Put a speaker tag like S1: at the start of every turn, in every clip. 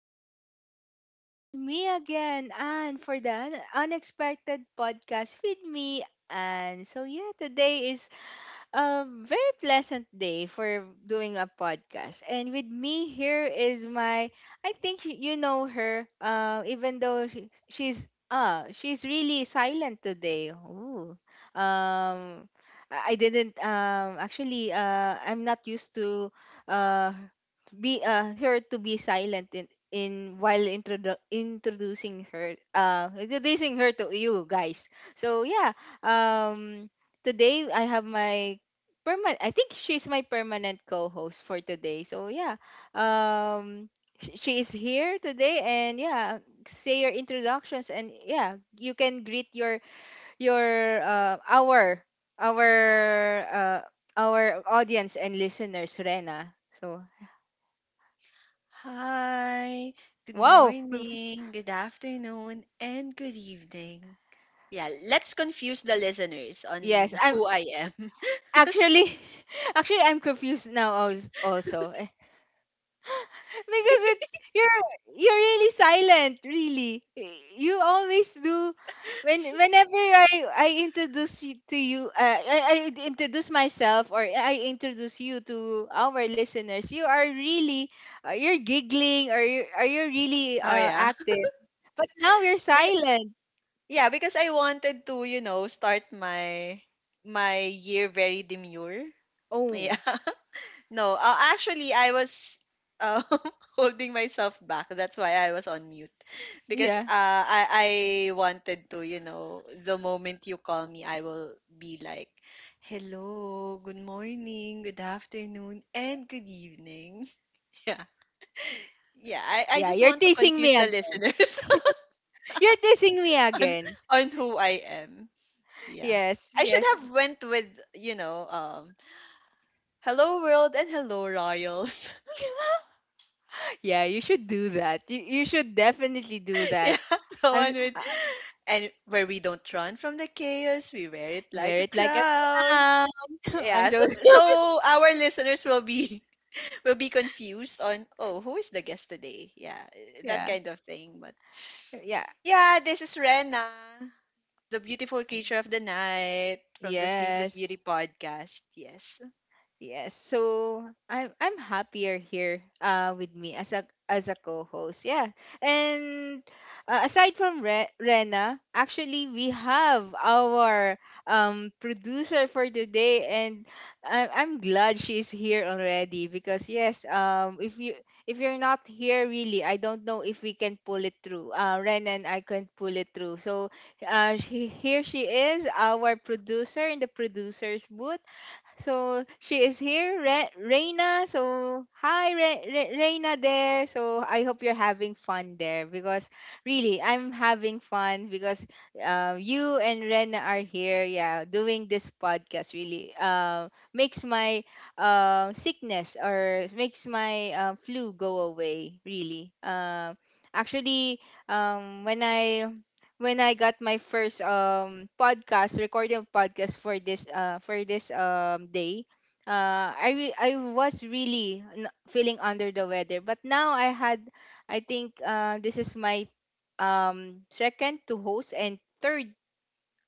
S1: everyone. This is me again, Anne, for the unexpected podcast with me, Anne. Today is a very pleasant day for doing a podcast. And with me here is I think you know her, even though she's really silent today. Ooh. Um, I didn't actually I'm not used to uh be her to be silent in while introducing her to you guys. Today I have my permanent I think she's my permanent co-host for today. Um she is here today, and say your introductions, and yeah, you can greet your our our uh, our audience and listeners, Rena. So
S2: Hi, good
S1: wow.
S2: morning, good afternoon, and good evening. Yeah, let's confuse the listeners on
S1: Yes, I'm
S2: who I am.
S1: actually actually I'm confused now also. Because it's you're really silent, really. You always do. Whenever I introduce you to you, I introduce myself, or I introduce you to our listeners, you are really you're giggling, or you really,
S2: Oh yeah.
S1: active. But now you're
S2: Because,
S1: silent.
S2: yeah, because I wanted to, start my year very demure. Yeah.
S1: Oh
S2: No, actually I was uh, holding myself back. That's why I was on mute. Because
S1: yeah,
S2: I wanted to, the moment you call me, I will be like, "Hello, good morning, good afternoon, and good evening." Yeah, yeah. I
S1: yeah.
S2: just
S1: You're
S2: want to
S1: teasing
S2: confuse
S1: me
S2: the
S1: again.
S2: listeners
S1: You're teasing me
S2: on
S1: again.
S2: on who I am. Yeah,
S1: Yes,
S2: I should
S1: yes.
S2: have went with you know, um, "Hello world" and "Hello royals."
S1: Yeah, you should do that. You should definitely do that.
S2: Yeah, the
S1: I'm
S2: one
S1: s-
S2: with
S1: uh,
S2: and where we don't run from the chaos, we wear it like
S1: Wear
S2: a
S1: it like a
S2: crown.
S1: crown. I'm
S2: Yeah, so
S1: so
S2: so our listeners will be will be confused on, oh, who is the guest today? Yeah, that
S1: yeah.
S2: kind of thing. But
S1: Yeah.
S2: yeah, this is Rena, the beautiful creature of the night from the Sleepless
S1: Yes.
S2: Beauty podcast. Yes.
S1: Yes. So I'm happier here with me as a co-host. Yeah. And aside from Rena, actually we have our producer for today, and I'm glad she's here already because yes, if you if you're not here really, I don't know if we can pull it through. Uh, Rena and I can pull it through. So here she is, our producer in the producer's booth. So she is here, Reina. So hi, Reina there. So I hope you're having fun there, because really I'm having fun because you and Rena are here. Yeah, doing this podcast really makes my sickness, or makes my flu go away. Really. Actually, um, when I when I got my first podcast recording of podcast for this day, I was really feeling under the weather, but now I had I think this is my second to host and third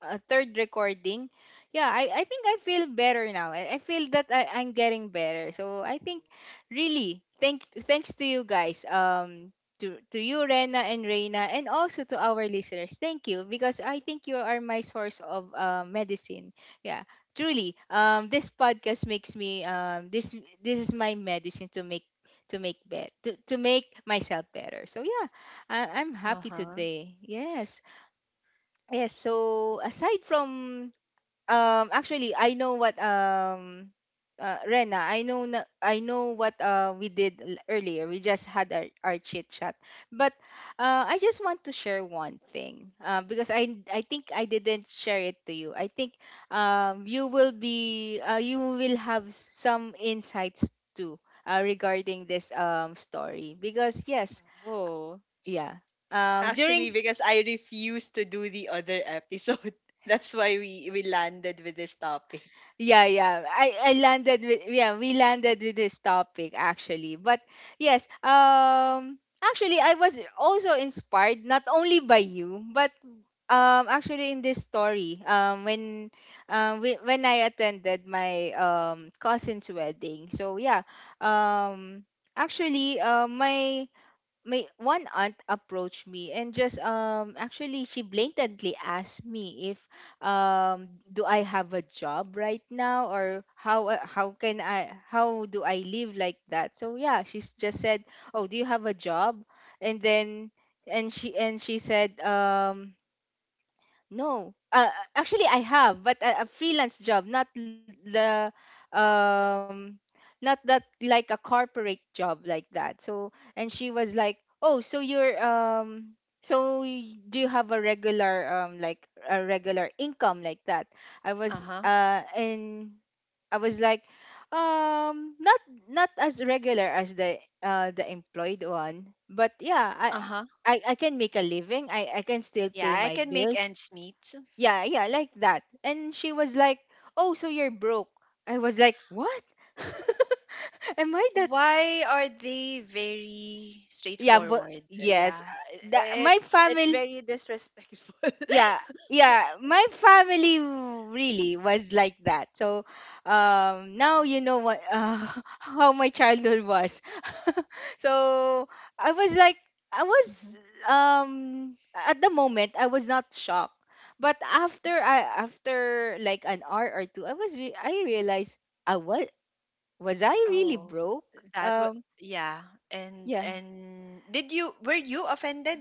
S1: uh, third recording, yeah, I think I feel better now. I feel that I'm getting better. So I
S2: Oh.
S1: think really thanks to you guys. To you, Rena and Reina, and also to our listeners. Thank you, because I think you are my source of, medicine. Yeah. Truly. This podcast makes me, this is my medicine to make to make myself better. I'm
S2: Uh
S1: happy
S2: huh.
S1: today. Yes. Yes, so aside from, actually I know what, Rena, I know na, I know what we did earlier. We just had our chit chat. But I just want to share one thing, because I think I didn't share it to you. I think you will be you will have some insights too, regarding this, story because yes,
S2: Oh,
S1: yeah.
S2: actually,
S1: During
S2: because I refuse to do the other episode, that's why we landed with this topic.
S1: Yeah, yeah. I landed with yeah, we landed with this topic actually. But yes, actually I was also inspired not only by you, but actually in this story, when when I attended my cousin's wedding. So yeah, um actually, my one aunt approached me, and just actually she blatantly asked me if um do I have a job right now, or how, how can I, how do I live like that. So yeah, just said, oh, do you have a job? And then, and she said, no, actually I have, but a freelance job, not l- the not that like a corporate job like that. So, and she was like, "Oh, so you're, so do you have a regular, like a regular income like that?" I
S2: Uh
S1: was
S2: huh.
S1: uh, and I was like, not not as regular as the, the employed one, but yeah,
S2: Uh huh.
S1: I can make a living. I can still
S2: Yeah,
S1: pay
S2: I
S1: my
S2: can make
S1: bills.
S2: ends meet.
S1: Yeah, yeah, like that. And she was like, "Oh, so you're broke." I was like, "What? Am I that?"
S2: Why are they very
S1: Yeah, but
S2: straightforward? Yeah,
S1: yes,
S2: i-
S1: my
S2: it's it's
S1: family,
S2: very disrespectful.
S1: yeah, yeah, really was like that. So now you know what, how my childhood was. So I was like, I was
S2: Mhm.
S1: um at the moment I was not shocked, but after I after like an hour or two, I realized, I was I really
S2: Oh,
S1: broke?
S2: that was,
S1: um
S2: yeah.
S1: yeah,
S2: And did you were you offended?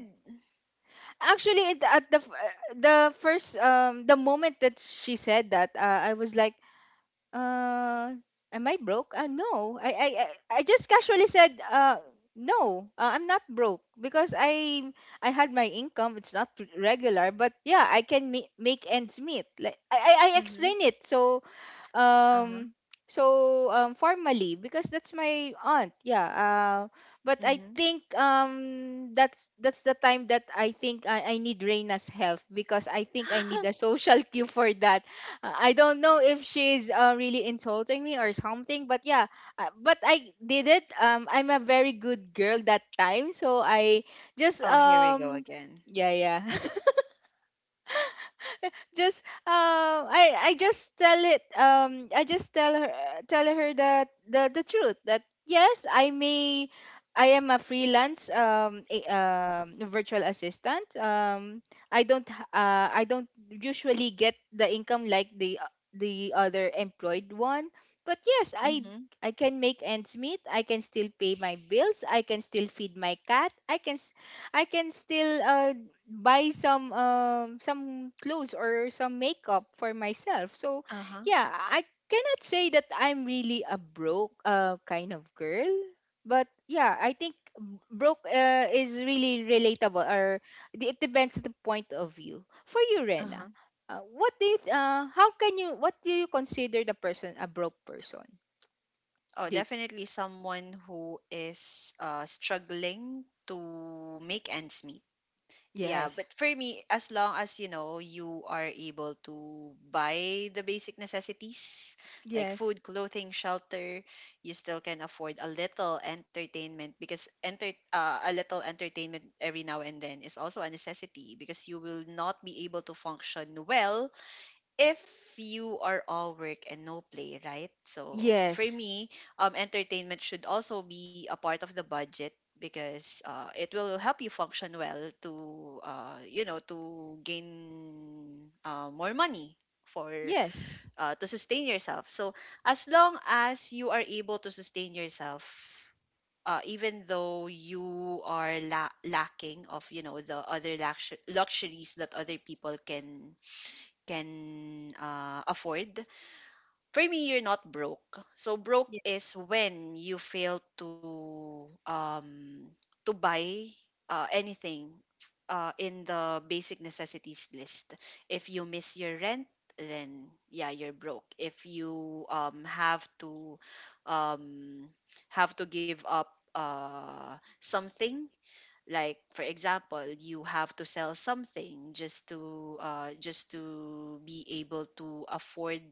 S1: actually at the the first, the moment that she said that, I was like, uh, am I broke? No. I just casually said, uh, no. I'm not broke, because I had my income. It's not regular, but yeah, I can make ends meet. Like I
S2: Mm-hmm.
S1: explain it. So
S2: Uh-huh.
S1: um formally, because that's my aunt. Yeah, but I
S2: Mm-hmm.
S1: think, that's the time that I think I need Reina's help, because I think I need a social cue for that. I don't know if she's, really insulting me or something, but yeah, but I did it. I'm a very good girl that time, so I just
S2: Oh, here we go again.
S1: yeah, yeah, just, I just tell it I just tell her, that the truth, that yes, I am a freelance, um, virtual assistant. I don't I don't usually get the income like the the other employed one, but yes,
S2: Mm-hmm.
S1: I can make ends meet, I can still pay my bills, I can still feed my cat, I can still buy some, some clothes or some makeup for myself. So
S2: Uh-huh.
S1: yeah, I cannot say that I'm really a broke, kind of girl, but yeah, I think, broke, is really relatable, or it depends the point of view. For you, Rena,
S2: Uh-huh.
S1: what did how can you, what do you consider the person a broke person?
S2: Oh,
S1: Do,
S2: definitely someone who is struggling to make ends meet. Yeah,
S1: yes.
S2: but for me, as long as you know you are able to buy the basic necessities like
S1: Yes.
S2: food, clothing, shelter, you still can afford a little entertainment, because enter a little entertainment every now and then is also a necessity, because you will not be able to function well if you are all work and no play, right? So for
S1: Yes.
S2: me, entertainment should also be a part of the budget, because it will help you function well to you know to gain more money for
S1: Yes.
S2: to sustain yourself. So as long as you are able to sustain yourself. Even though you are lacking of the other luxuries that other people can afford. For me, you're not broke. So broke
S1: Ye-
S2: is when you fail to buy anything in the basic necessities list. If you miss your rent, then yeah, you're broke. If you um, have to give up something, like, for example, you have to sell something just to be able to afford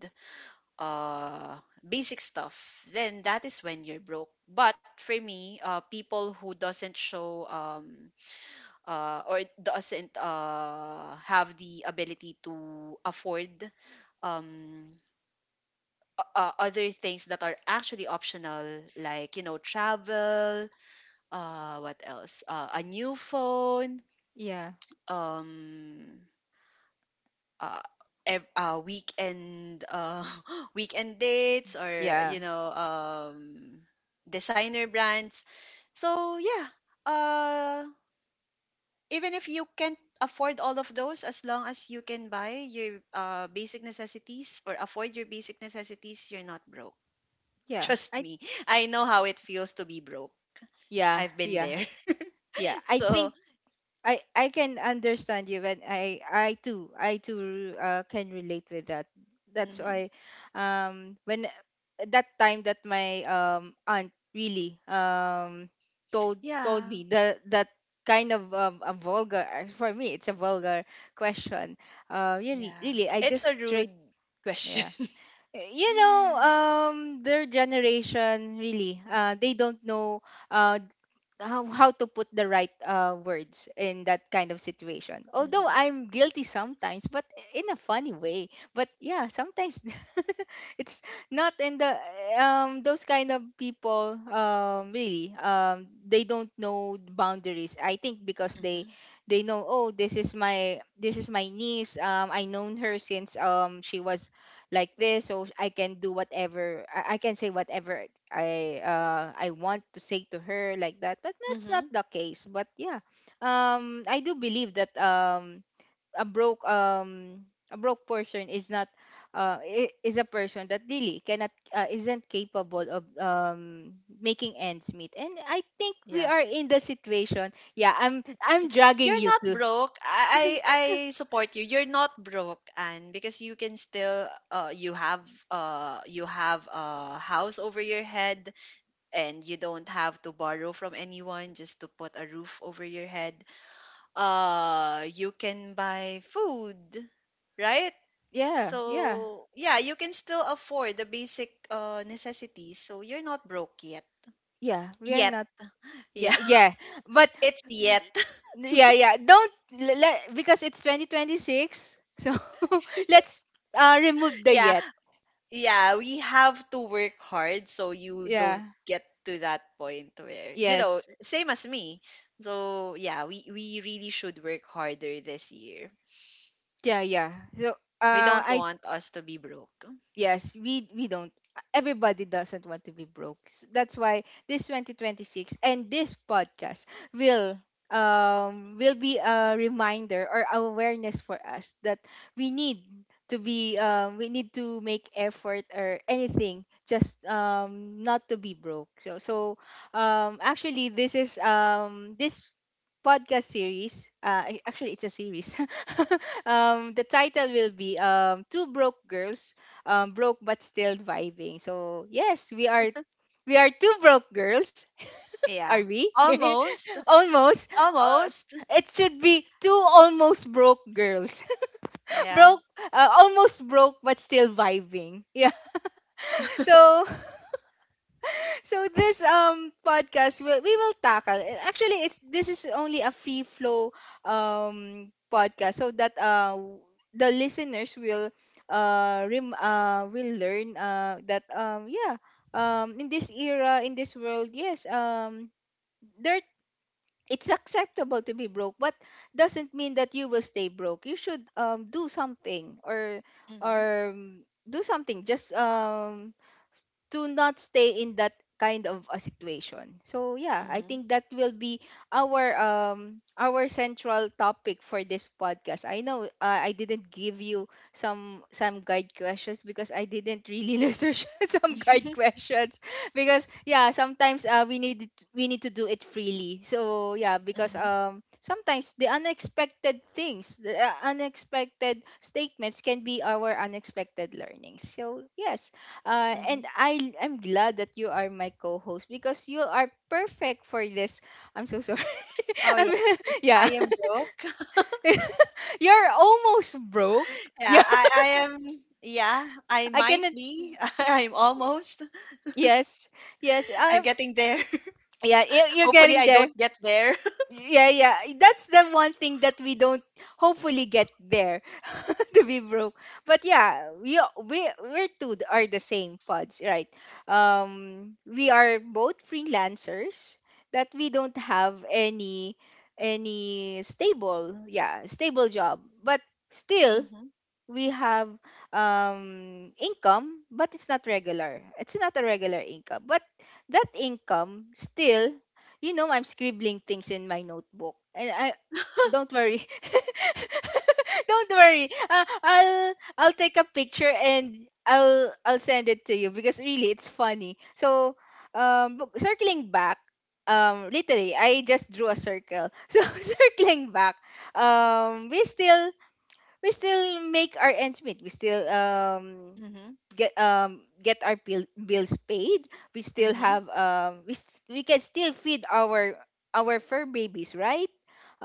S2: uh, basic stuff, then that is when you're broke. But for me, people who doesn't show or doesn't have the ability to afford um, other things that are actually optional, like travel, what else, a new phone,
S1: Yeah.
S2: um uh, ev- weekend weekend dates, or
S1: Yeah.
S2: designer brands. So yeah, uh even if you can't afford all of those, as long as you can buy your basic necessities or afford your basic necessities, you're not broke.
S1: Yeah.
S2: Trust
S1: I
S2: me, I know how it feels to be broke.
S1: yeah,
S2: I've been
S1: yeah.
S2: there.
S1: Yeah, I
S2: So,
S1: think I can understand you, and I too, can relate with that. That's
S2: mhm.
S1: why, when that time that my, aunt really, told told
S2: Yeah,
S1: me the, that kind of, a vulgar, for me it's a vulgar question, really,
S2: yeah,
S1: really, I
S2: it's a
S1: just
S2: rude
S1: straight.
S2: question.
S1: Yeah, you know, their generation really, they don't know uh how to put the right, words in that kind of situation. Although
S2: Mhm,
S1: I'm guilty sometimes, but in a funny way. But yeah, sometimes it's not in the, those kind of people, really, they don't know the boundaries. I think, because
S2: mhm,
S1: they know, oh, this is my niece, I known her since, she was like this, so I can do whatever I can say whatever I want to say to her like that. But that's not
S2: mhm.
S1: the case, but yeah, I do believe that, a broke um a broke person is not, is a person that really cannot, isn't capable of, making ends meet. And I think we
S2: Yeah.
S1: are in the situation. Yeah, I'm dragging
S2: You're
S1: you
S2: not
S1: to,
S2: broke. I support you. You're not broke, and because you can still you have a house over your head, and you don't have to borrow from anyone just to put a roof over your head. You can buy food, right?
S1: yeah, yeah,
S2: So yeah, you can still afford the basic necessities. So you're not broke yet.
S1: yeah, we are
S2: Yet.
S1: not, yeah,
S2: Yeah.
S1: yeah, but
S2: It's yet.
S1: yeah, yeah. Don't let, because it's 2026. So let's remove the
S2: Yeah,
S1: yet.
S2: yeah, we have to work hard so you don't
S1: Yeah.
S2: get to that point where,
S1: Yes.
S2: same as me. So yeah, we really should work harder this year.
S1: Yeah, yeah. So
S2: We don't
S1: I
S2: want us to be broke.
S1: yes, we don't. Everybody doesn't want to be broke. That's why this 2026 and this podcast will, will be a reminder or awareness for us that we need to be, we need to make effort or anything, just, not to be broke. So so, actually this is, this podcast series. Actually, it's a series. Um, the title will be, Two Broke Girls, Broke But Still Vibing. So, yes, we are, we are two broke girls. Are
S2: Yeah.
S1: we?
S2: Almost.
S1: Almost. Uh,
S2: Almost.
S1: it should be two almost broke girls.
S2: Yeah.
S1: Broke, almost broke but still vibing. Yeah. So, so this podcast will we will tackle. Eh, Actually, it's this is only a free flow podcast so that the listeners will rem will learn that yeah, in this era, in this world, yes, there, it's acceptable to be broke, but doesn't mean that you will stay broke. You should do something or
S2: Mhm.
S1: do something just to not stay in that kind of a situation. So yeah, I
S2: Mhm.
S1: think that will be our central topic for this podcast. I know, I didn't give you some guide questions because I didn't really research some guide questions because yeah, sometimes, we need to do it freely. So yeah, because
S2: Mhm.
S1: sometimes the unexpected things, the unexpected statements can be our unexpected learnings. So yes, and
S2: Mhm.
S1: I'm glad that you are my co-host because you are perfect for this. I'm so sorry.
S2: Oh
S1: I'm,
S2: yeah. 'Cause I
S1: yeah.
S2: am broke.
S1: You're almost broke. Yeah,
S2: Yeah, I am, yeah, I
S1: I
S2: might
S1: cannot.
S2: be. I'm almost.
S1: Yes, yes.
S2: I'm getting there.
S1: Yeah, you're
S2: Hopefully I
S1: getting
S2: don't
S1: there.
S2: get there.
S1: Yeah, yeah. That's the one thing that we don't hopefully get there to be broke. But yeah, we a- we we two are the same pods, right? We are both freelancers that we don't have any stable, yeah, stable job. But still
S2: Mhm.
S1: we have, income, but it's not regular. It's not a regular income. But that income still, I'm scribbling things in my notebook. And I don't worry. Don't worry. I'll take a picture and I'll send it to you because really it's funny. So circling back, literally I just drew a circle. So circling back, um, we still we still make our ends meet. We still
S2: Mhm.
S1: get our bills paid. We still
S2: Mhm.
S1: have we can still feed our fur babies, right?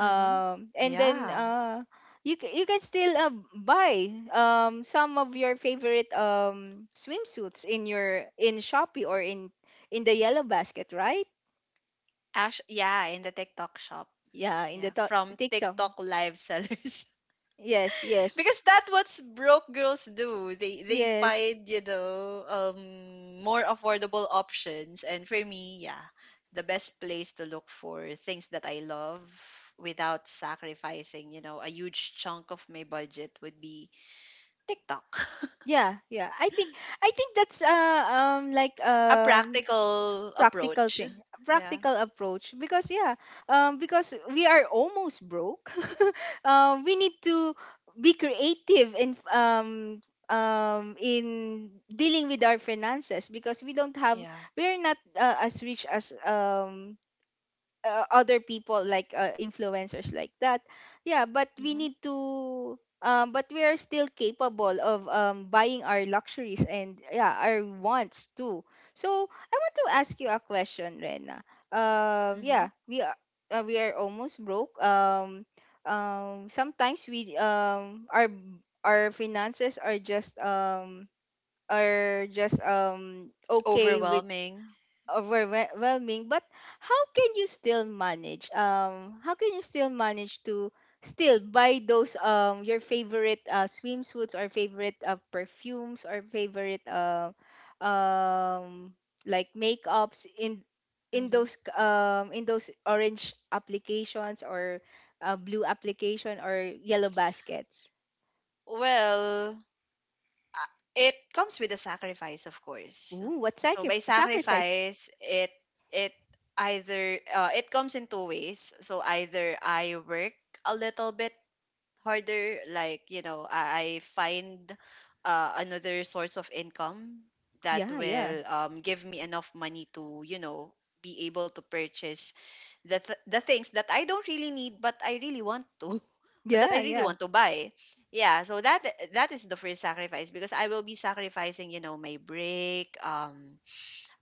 S2: Mhm.
S1: And then
S2: Yeah.
S1: you can still buy some of your favorite swimsuits in your in Shopee or in the yellow basket, right?
S2: Ash, yeah, in the TikTok shop.
S1: Yeah, in the
S2: Yeah, from
S1: TikTok.
S2: TikTok live sellers.
S1: Yes, yes.
S2: Because that's what's broke girls do. They
S1: Yes.
S2: find, more affordable options. And for me, yeah, the best place to look for things that I love without sacrificing a huge chunk of my budget would be TikTok.
S1: Yeah, yeah. I think that's like
S2: A practical
S1: practical
S2: approach.
S1: thing,
S2: Yeah,
S1: practical approach because yeah, because we are almost broke. We need to be creative in dealing with our finances because we don't have
S2: yeah.
S1: we are not, as rich as other people like, influencers like that, yeah, but we
S2: Hmm,
S1: need to, but we are still capable of, buying our luxuries and yeah, our wants too. So I want to ask you a question, Rena.
S2: hmm.
S1: Yeah, we are almost broke, sometimes we, our finances are just, okay, with
S2: Overwhelming.
S1: overwhelming, but how can you still manage to still buy those your favorite swimsuits or favorite perfumes or favorite um like makeups in
S2: Hmm.
S1: in those orange applications or blue application or yellow baskets.
S2: Well, ah, it comes with a sacrifice, of course.
S1: Ooh, what
S2: So by
S1: sacrifice?
S2: sacrifice, it it comes in two ways. So either I work a little bit harder, like, I find another source of income that
S1: Yeah, yeah,
S2: will give me enough money to be able to purchase the things that I don't really need but I really want to, that I
S1: yeah,
S2: really
S1: yeah,
S2: want to buy. Yeah, so that is the first sacrifice, because I will be sacrificing, my break.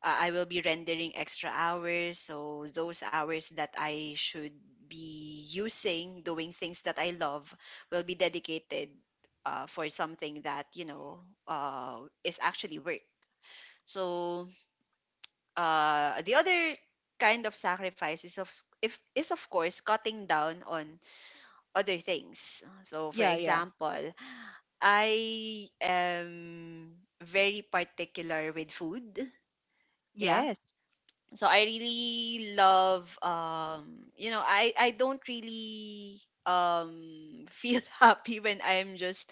S2: I will be rendering extra hours. So those hours that I should be using doing things that I love will be dedicated for something that, is actually work. So the other kind of sacrifice is of if is, of course, cutting down on other things. So for
S1: yeah, yeah.
S2: example, I am very particular with food. Yeah,
S1: Yes.
S2: so I really love, I don't really um feel happy when I'm just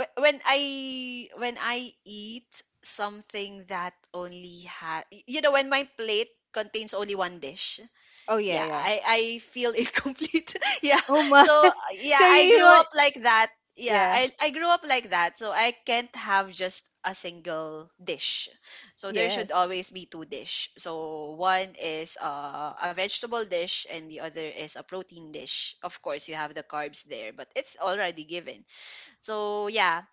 S2: wh- when I when I eat something that only has, when my plate contains only one dish.
S1: Oh yeah,
S2: Yeah,
S1: yeah.
S2: I feel incomplete. Yeah.
S1: Oh my.
S2: So yeah,
S1: So you,
S2: I
S1: you
S2: grew
S1: want.
S2: up like that. Yeah,
S1: Yeah,
S2: I grew up like that. So I can't have just a single dish. So there should
S1: yes.
S2: always be two dish. So one is a vegetable dish, and the other is a protein dish. Of course, you have the carbs there, but it's already given. So yeah,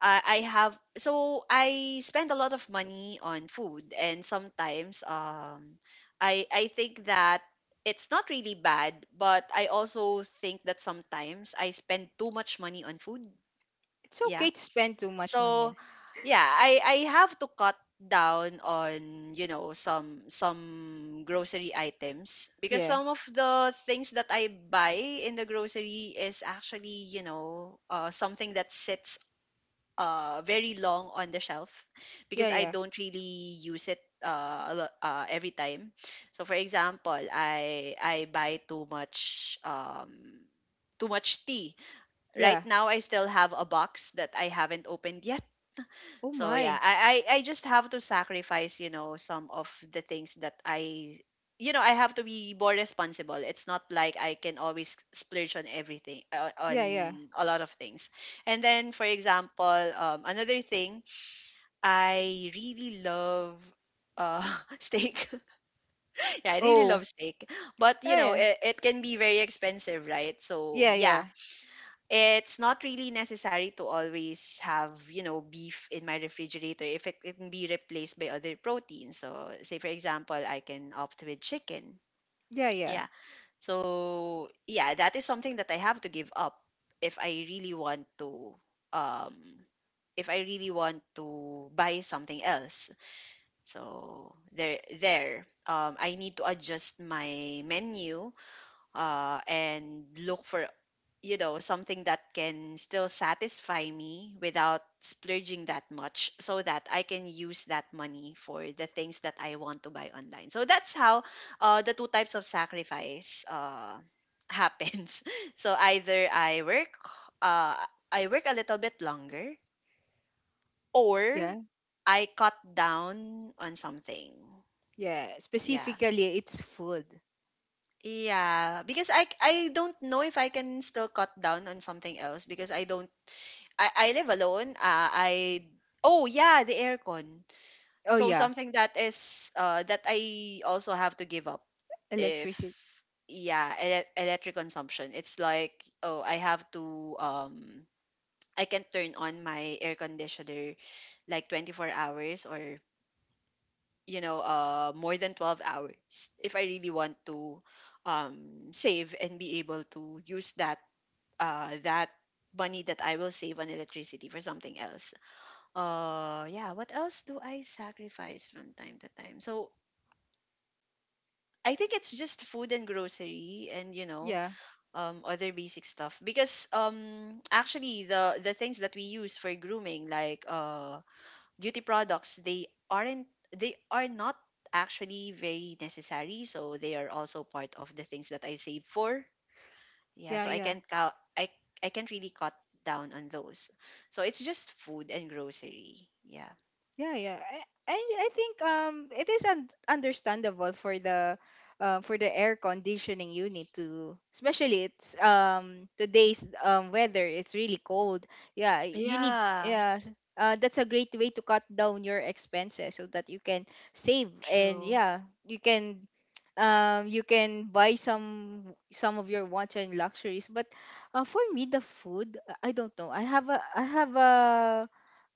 S2: I have so I spend a lot of money on food, and sometimes I think that it's not really bad, but I also think that sometimes I spend too much money on food.
S1: It's okay
S2: Yeah,
S1: to spend too much money
S2: so
S1: on.
S2: yeah, I have to cut down on, some grocery items, because
S1: Yeah.
S2: some of the things that I buy in the grocery is actually, something that sits very long on the shelf, because
S1: Yeah,
S2: I
S1: yeah.
S2: don't really use it every time. So for example, I buy too much tea. Right
S1: Yeah.
S2: now I still have a box that I haven't opened yet,
S1: Oh
S2: so yeah,
S1: my.
S2: I just have to sacrifice, some of the things that I. You know, I have to be more responsible. It's not like I can always splurge on everything, on
S1: Yeah, yeah.
S2: a lot of things. And then for example, another thing, I really love, uh steak. Yeah, I really love
S1: Oh.
S2: steak. But you
S1: Yeah,
S2: know,
S1: yeah.
S2: it can be very expensive, right? So
S1: Yeah,
S2: yeah,
S1: yeah.
S2: it's not really necessary to always have, beef in my refrigerator, if it can be replaced by other proteins, so say for example, I can opt with chicken.
S1: Yeah, yeah.
S2: Yeah, so yeah, that is something that I have to give up if I really want to. um if I really want to buy something else, so there I need to adjust my menu and look for, something that can still satisfy me without splurging that much, so that I can use that money for the things that I want to buy online. So that's how the two types of sacrifice happens. So either uh, I work a little bit longer, or
S1: Yeah.
S2: I cut down on something.
S1: Yeah.
S2: Yeah.
S1: Specifically it's food.
S2: Yeah, because I don't know if I can still cut down on something else, because I don't I live alone. I Oh yeah, the aircon.
S1: Oh
S2: So
S1: yeah.
S2: something that is that I also have to give up, if
S1: Electricity.
S2: yeah, electric consumption. It's like, oh, I have to I can turn on my air conditioner like 24 hours, or more than 12 hours if I really want to save, and be able to use that money that I will save on electricity for something else. Yeah. What else do I sacrifice from time to time? So I think it's just food and grocery, and
S1: Yeah.
S2: other basic stuff, because actually the things that we use for grooming, like beauty products, they are not actually very necessary, so they are also part of the things that I save for. Yeah,
S1: Yeah,
S2: so I
S1: yeah.
S2: can't count I I can't really cut down on those. So it's just food and grocery. Yeah.
S1: Yeah, yeah. I think it is understandable for the, for the air conditioning unit to, especially it's today's weather, it's really cold. Yeah, you need,
S2: Yeah,
S1: yeah. That's a great way to cut down your expenses so that you can save and
S2: true.
S1: yeah, you can buy some of your wants and luxuries, but, for me the food, I don't know.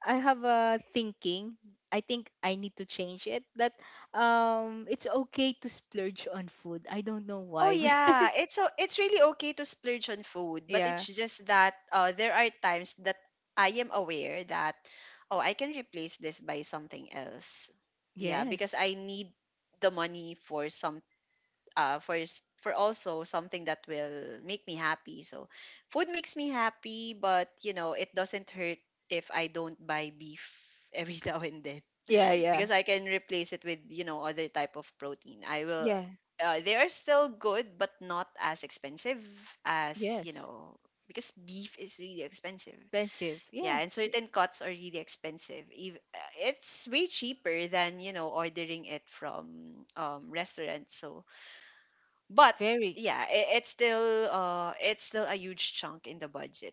S1: I have a thinking. I think I need to change it. That, it's okay to splurge on food. I don't know
S2: Oh
S1: why.
S2: yeah, it's really okay to splurge on food, but it's
S1: Yeah.
S2: just that there are times that I am aware that oh I can replace this by something else. Yeah,
S1: Yes.
S2: because I need the money for some for also something that will make me happy. So food makes me happy, but you know it doesn't hurt if I don't buy beef every now and then.
S1: Yeah. Yeah.
S2: Because I can replace it with you know other type of protein. I will.
S1: Yeah.
S2: They are still good, but not as expensive as you
S1: Yes.
S2: know because beef is really expensive.
S1: Expensive.
S2: Yeah,
S1: Yeah.
S2: and certain cuts are really expensive. It's way cheaper than you know ordering it from restaurants. So but
S1: Very.
S2: yeah it's still a huge chunk in the budget,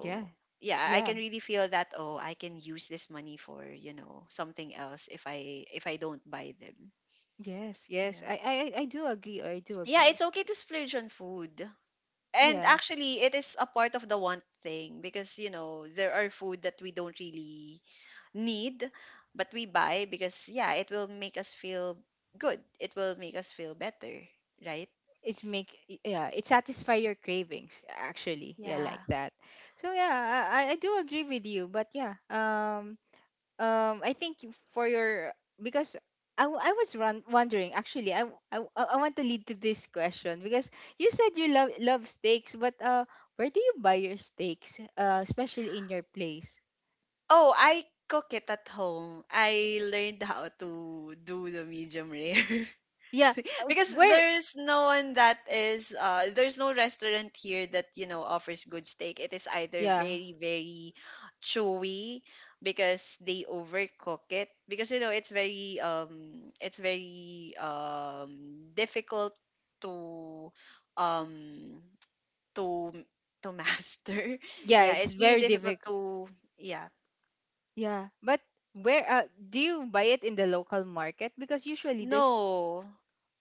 S1: Yeah.
S2: yeah, I
S1: Yeah.
S2: can really feel that oh I can use this money for you know something else if I don't buy them.
S1: Yes. Yes.
S2: Yeah,
S1: I do agree. I do
S2: yeah,
S1: agree.
S2: it's okay to splurge on food, and
S1: Yeah.
S2: actually it is a part of the want thing because you know there are food that we don't really need, but we buy because yeah it will make us feel good, it will make us feel better, right?
S1: It make. Yeah. It satisfy your cravings. Actually. Yeah.
S2: Yeah.
S1: Like that. So yeah. I do agree with you. But yeah. I think for your, because wondering actually, I, w- I w- I want to lead to this question because you said you love steaks but where do you buy your steaks, especially in your place?
S2: Oh, I cook it at home. I learned how to do the medium rare.
S1: Yeah.
S2: Because
S1: Where?
S2: there's no one that is there's no restaurant here that, you know, offers good steak. It is either
S1: Yeah,
S2: very, very chewy because they overcook it. Because you know, it's very difficult to um to to master.
S1: yeah,
S2: Yeah,
S1: it's
S2: it's really
S1: very
S2: difficult
S1: difficult.
S2: to yeah.
S1: Yeah, but where do you buy it in the local market because usually there's —
S2: No,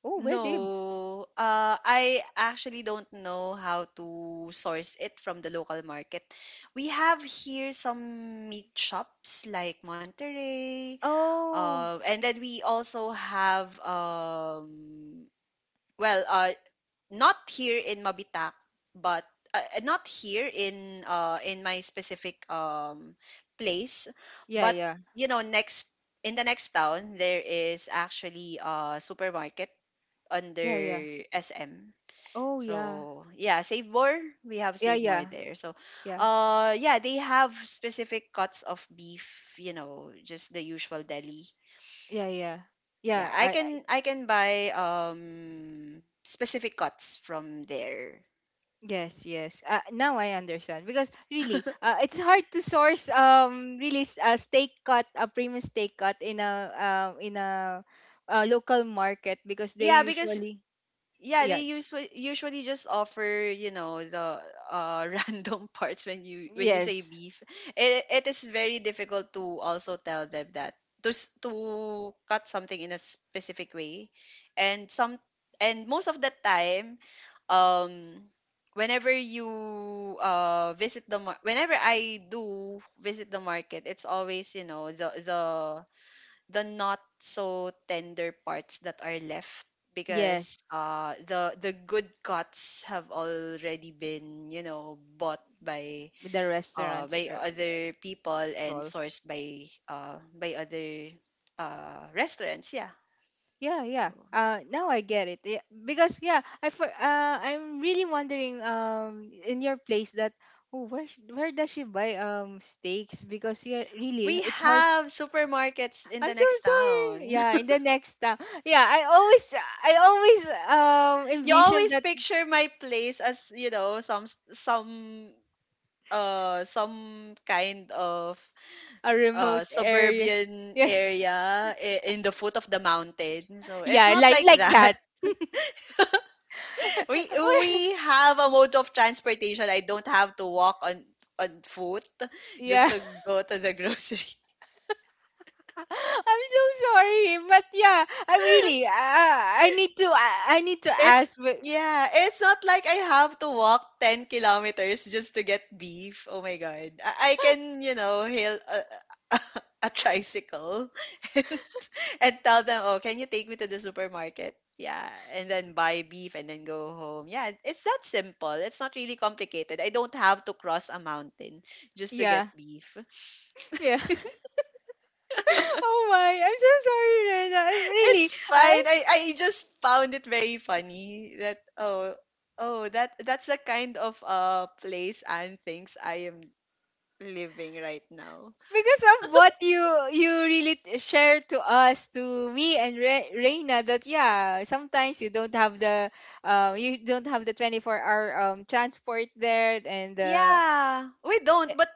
S1: oh, where do you?
S2: no. I actually don't know how to source it from the local market. We have here some meat shops like Monterey,
S1: Oh
S2: and then we also have well, uh, not here in Mabitak, but not here in in my specific place,
S1: yeah,
S2: but
S1: yeah,
S2: you know next in the next town there is actually a supermarket
S1: yeah, yeah.
S2: under SM.
S1: Oh yeah,
S2: So yeah, Save More. We have
S1: yeah,
S2: Save More
S1: yeah,
S2: there. So
S1: yeah,
S2: yeah, they have specific cuts of beef, you know, just the usual deli.
S1: yeah, yeah, yeah.
S2: Yeah,
S1: Yeah, I —
S2: I can buy specific cuts from there.
S1: yes, yes. Now I understand because really, it's hard to source really a steak cut, a premium steak cut in a, in a, local market because they
S2: Yeah, because
S1: usually —
S2: yeah they
S1: yeah,
S2: usually just offer you know the random parts when you say
S1: yes,
S2: beef, it is very difficult to also tell them that to cut something in a specific way, and some and most of the time um whenever you whenever I do visit the market, it's always you know the the not so tender parts that are left
S1: yes,
S2: because the good cuts have already been you know bought
S1: with the restaurants
S2: by
S1: or
S2: other
S1: yeah,
S2: people and
S1: all.
S2: sourced by other restaurants. Yeah,
S1: Yeah, yeah.
S2: so
S1: Now I get it, yeah, because yeah, I for I'm really wondering in your place that, oh, where where does she buy steaks because yeah really
S2: we
S1: it's hard.
S2: have supermarkets in the
S1: I'm so
S2: next
S1: sorry.
S2: town.
S1: Yeah, in the next town. Yeah, I always
S2: You
S1: envision
S2: always
S1: that
S2: picture my place as you know some kind of
S1: a remote area.
S2: suburban
S1: Yeah,
S2: area in the foot of the mountain. So it's
S1: yeah,
S2: not
S1: like
S2: like
S1: like
S2: that.
S1: that.
S2: We we have a mode of transportation. I don't have to walk on foot just
S1: Yeah,
S2: to go to the grocery.
S1: I'm so sorry, but yeah, I really, I need to
S2: It's
S1: ask. But
S2: yeah, it's not like I have to walk 10 kilometers just to get beef. Oh my god. I can, you know, hail a, a, tricycle and, and tell them, "Oh, can you take me to the supermarket?" Yeah, and then buy beef and then go home. Yeah, it's that simple. It's not really complicated. I don't have to cross a mountain just to
S1: yeah,
S2: get beef.
S1: yeah. Oh my, I'm so sorry, Rena. I really,
S2: It's
S1: I —
S2: fine. I just found it very funny that oh oh that that's the kind of place and things I am living right now.
S1: because of what you really shared to us, to me and Reina, that yeah sometimes you don't have the, you don't have the 24-hour hour transport there and the —
S2: Yeah, we don't. But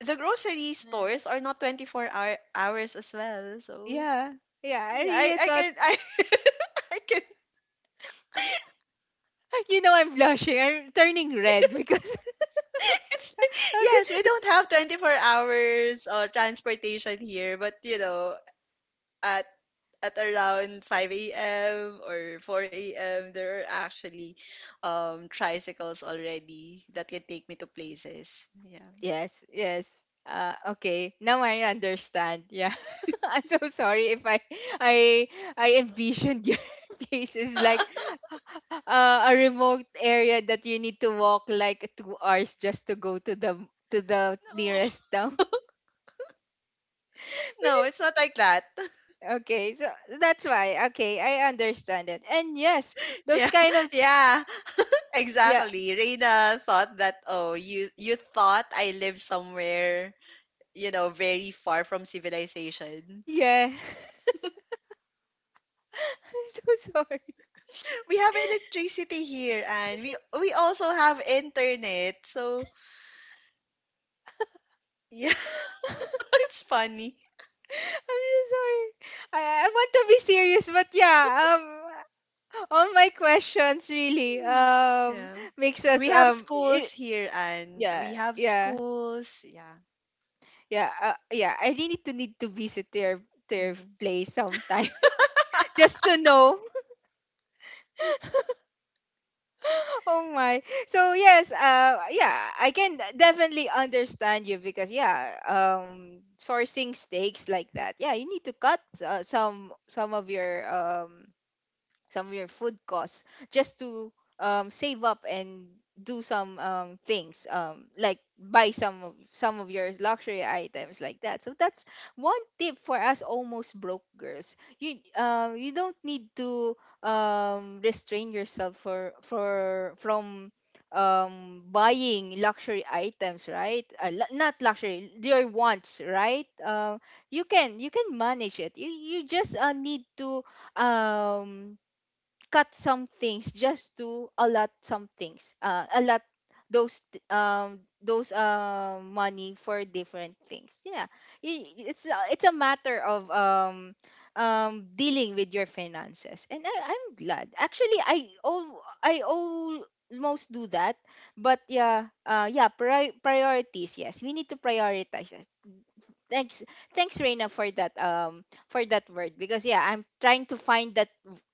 S2: the grocery
S1: mm.
S2: stores are not 24-hour hours as well. So
S1: Yeah, yeah, I
S2: yeah, I
S1: really
S2: I
S1: thought.
S2: can I I can.
S1: You know, I'm blushing, I'm turning red, because
S2: It's like, yes, we don't have 24 hours or transportation here, but you know, at at around 5 a.m. or 4 a.m. there are actually tricycles already that can take me to places. Yeah.
S1: yes, yes. Okay, now I understand. Yeah. I'm so sorry if I I envisioned your places like, a remote area that you need to walk like 2 hours just to go to the
S2: No.
S1: nearest town.
S2: No, it's not like that.
S1: Okay, so that's why. Okay, I understand it. And yes, those
S2: Yeah.
S1: kind of
S2: Yeah.
S1: yeah,
S2: Exactly. Reina thought that oh, you thought I live somewhere, you know, very far from civilization.
S1: yeah. I'm so sorry.
S2: We have electricity here and we also have internet. So, yeah, it's funny.
S1: I'm so sorry. I I want to be serious, but yeah. Um, all my questions really
S2: Yeah.
S1: makes us
S2: We have schools here, and
S1: yeah,
S2: we have
S1: yeah,
S2: schools. Yeah.
S1: yeah. Yeah. I really need to visit their
S2: Hmm.
S1: their
S2: Mm-hmm.
S1: place sometime. Just to know. Oh my. So yes, yeah, I can definitely understand you because yeah, sourcing steaks like that. Yeah, you need to cut, some of your some of your food costs just to, save up and do some, things, like buy some of your luxury items like that. So that's one tip for us almost broke girls: you, you don't need to, restrain yourself for from, buying luxury items, right? Not luxury, your wants, right? You can manage it. You just, need to um cut some things just to allot some things, allot those money for different things, yeah. It's a matter of dealing with your finances, and I'm glad actually I all I almost do that. But yeah, yeah, priorities. Yes, we need to prioritize. Thanks, thanks, Reina, for that word because yeah, I'm trying to find that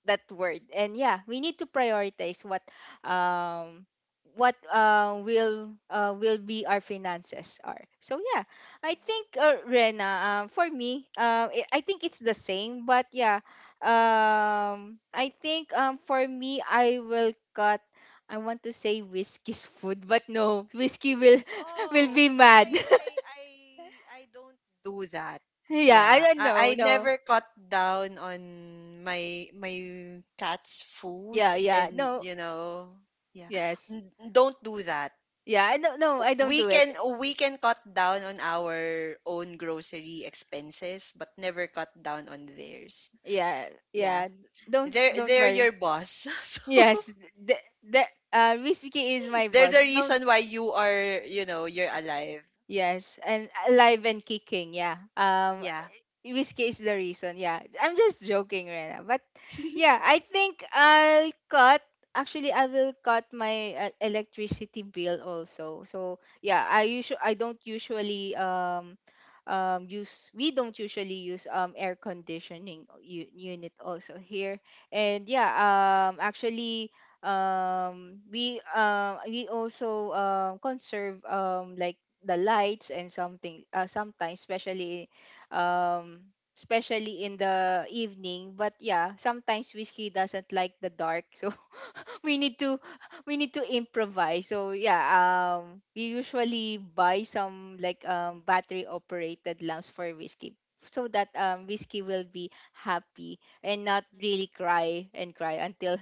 S1: that word, and yeah, we need to prioritize what um will be our finances are. So yeah, I
S2: Mm-hmm.
S1: think, Rena, for me, I think it's the same, but yeah, I think for me, I will cut. I want to say Whiskey's food, but no, Whiskey will will
S2: Oh,
S1: be
S2: I, I,
S1: mad.
S2: I, I I don't do that.
S1: Yeah, I
S2: Yeah,
S1: don't know,
S2: I
S1: no.
S2: never cut down on my cat's food,
S1: Yeah, yeah.
S2: and
S1: No,
S2: you know, yeah,
S1: yes.
S2: N- don't do that.
S1: Yeah, I don't no, I don't do it.
S2: We can cut down on our own grocery expenses, but never cut down on theirs.
S1: Yeah,
S2: Yeah,
S1: yeah. Don't don't
S2: they're
S1: worry.
S2: your boss, so
S1: Yes. The, the Miss is my
S2: they're the
S1: boss. Don't —
S2: reason why you are, you know, you're alive.
S1: yes, and alive and kicking, yeah.
S2: Yeah.
S1: Whiskey is the reason. Yeah, I'm just joking, Rena. But yeah, I think I'll cut. Actually, I will cut my, electricity bill also. So yeah, I don't usually use we don't usually use air conditioning unit also here. And yeah, actually we also conserve like the lights and something, sometimes especially, um, especially in the evening. But yeah, sometimes Whiskey doesn't like the dark, so we need to we need to improvise. So yeah, we usually buy some like battery operated lamps for Whiskey so that Whiskey will be happy and not really cry and cry until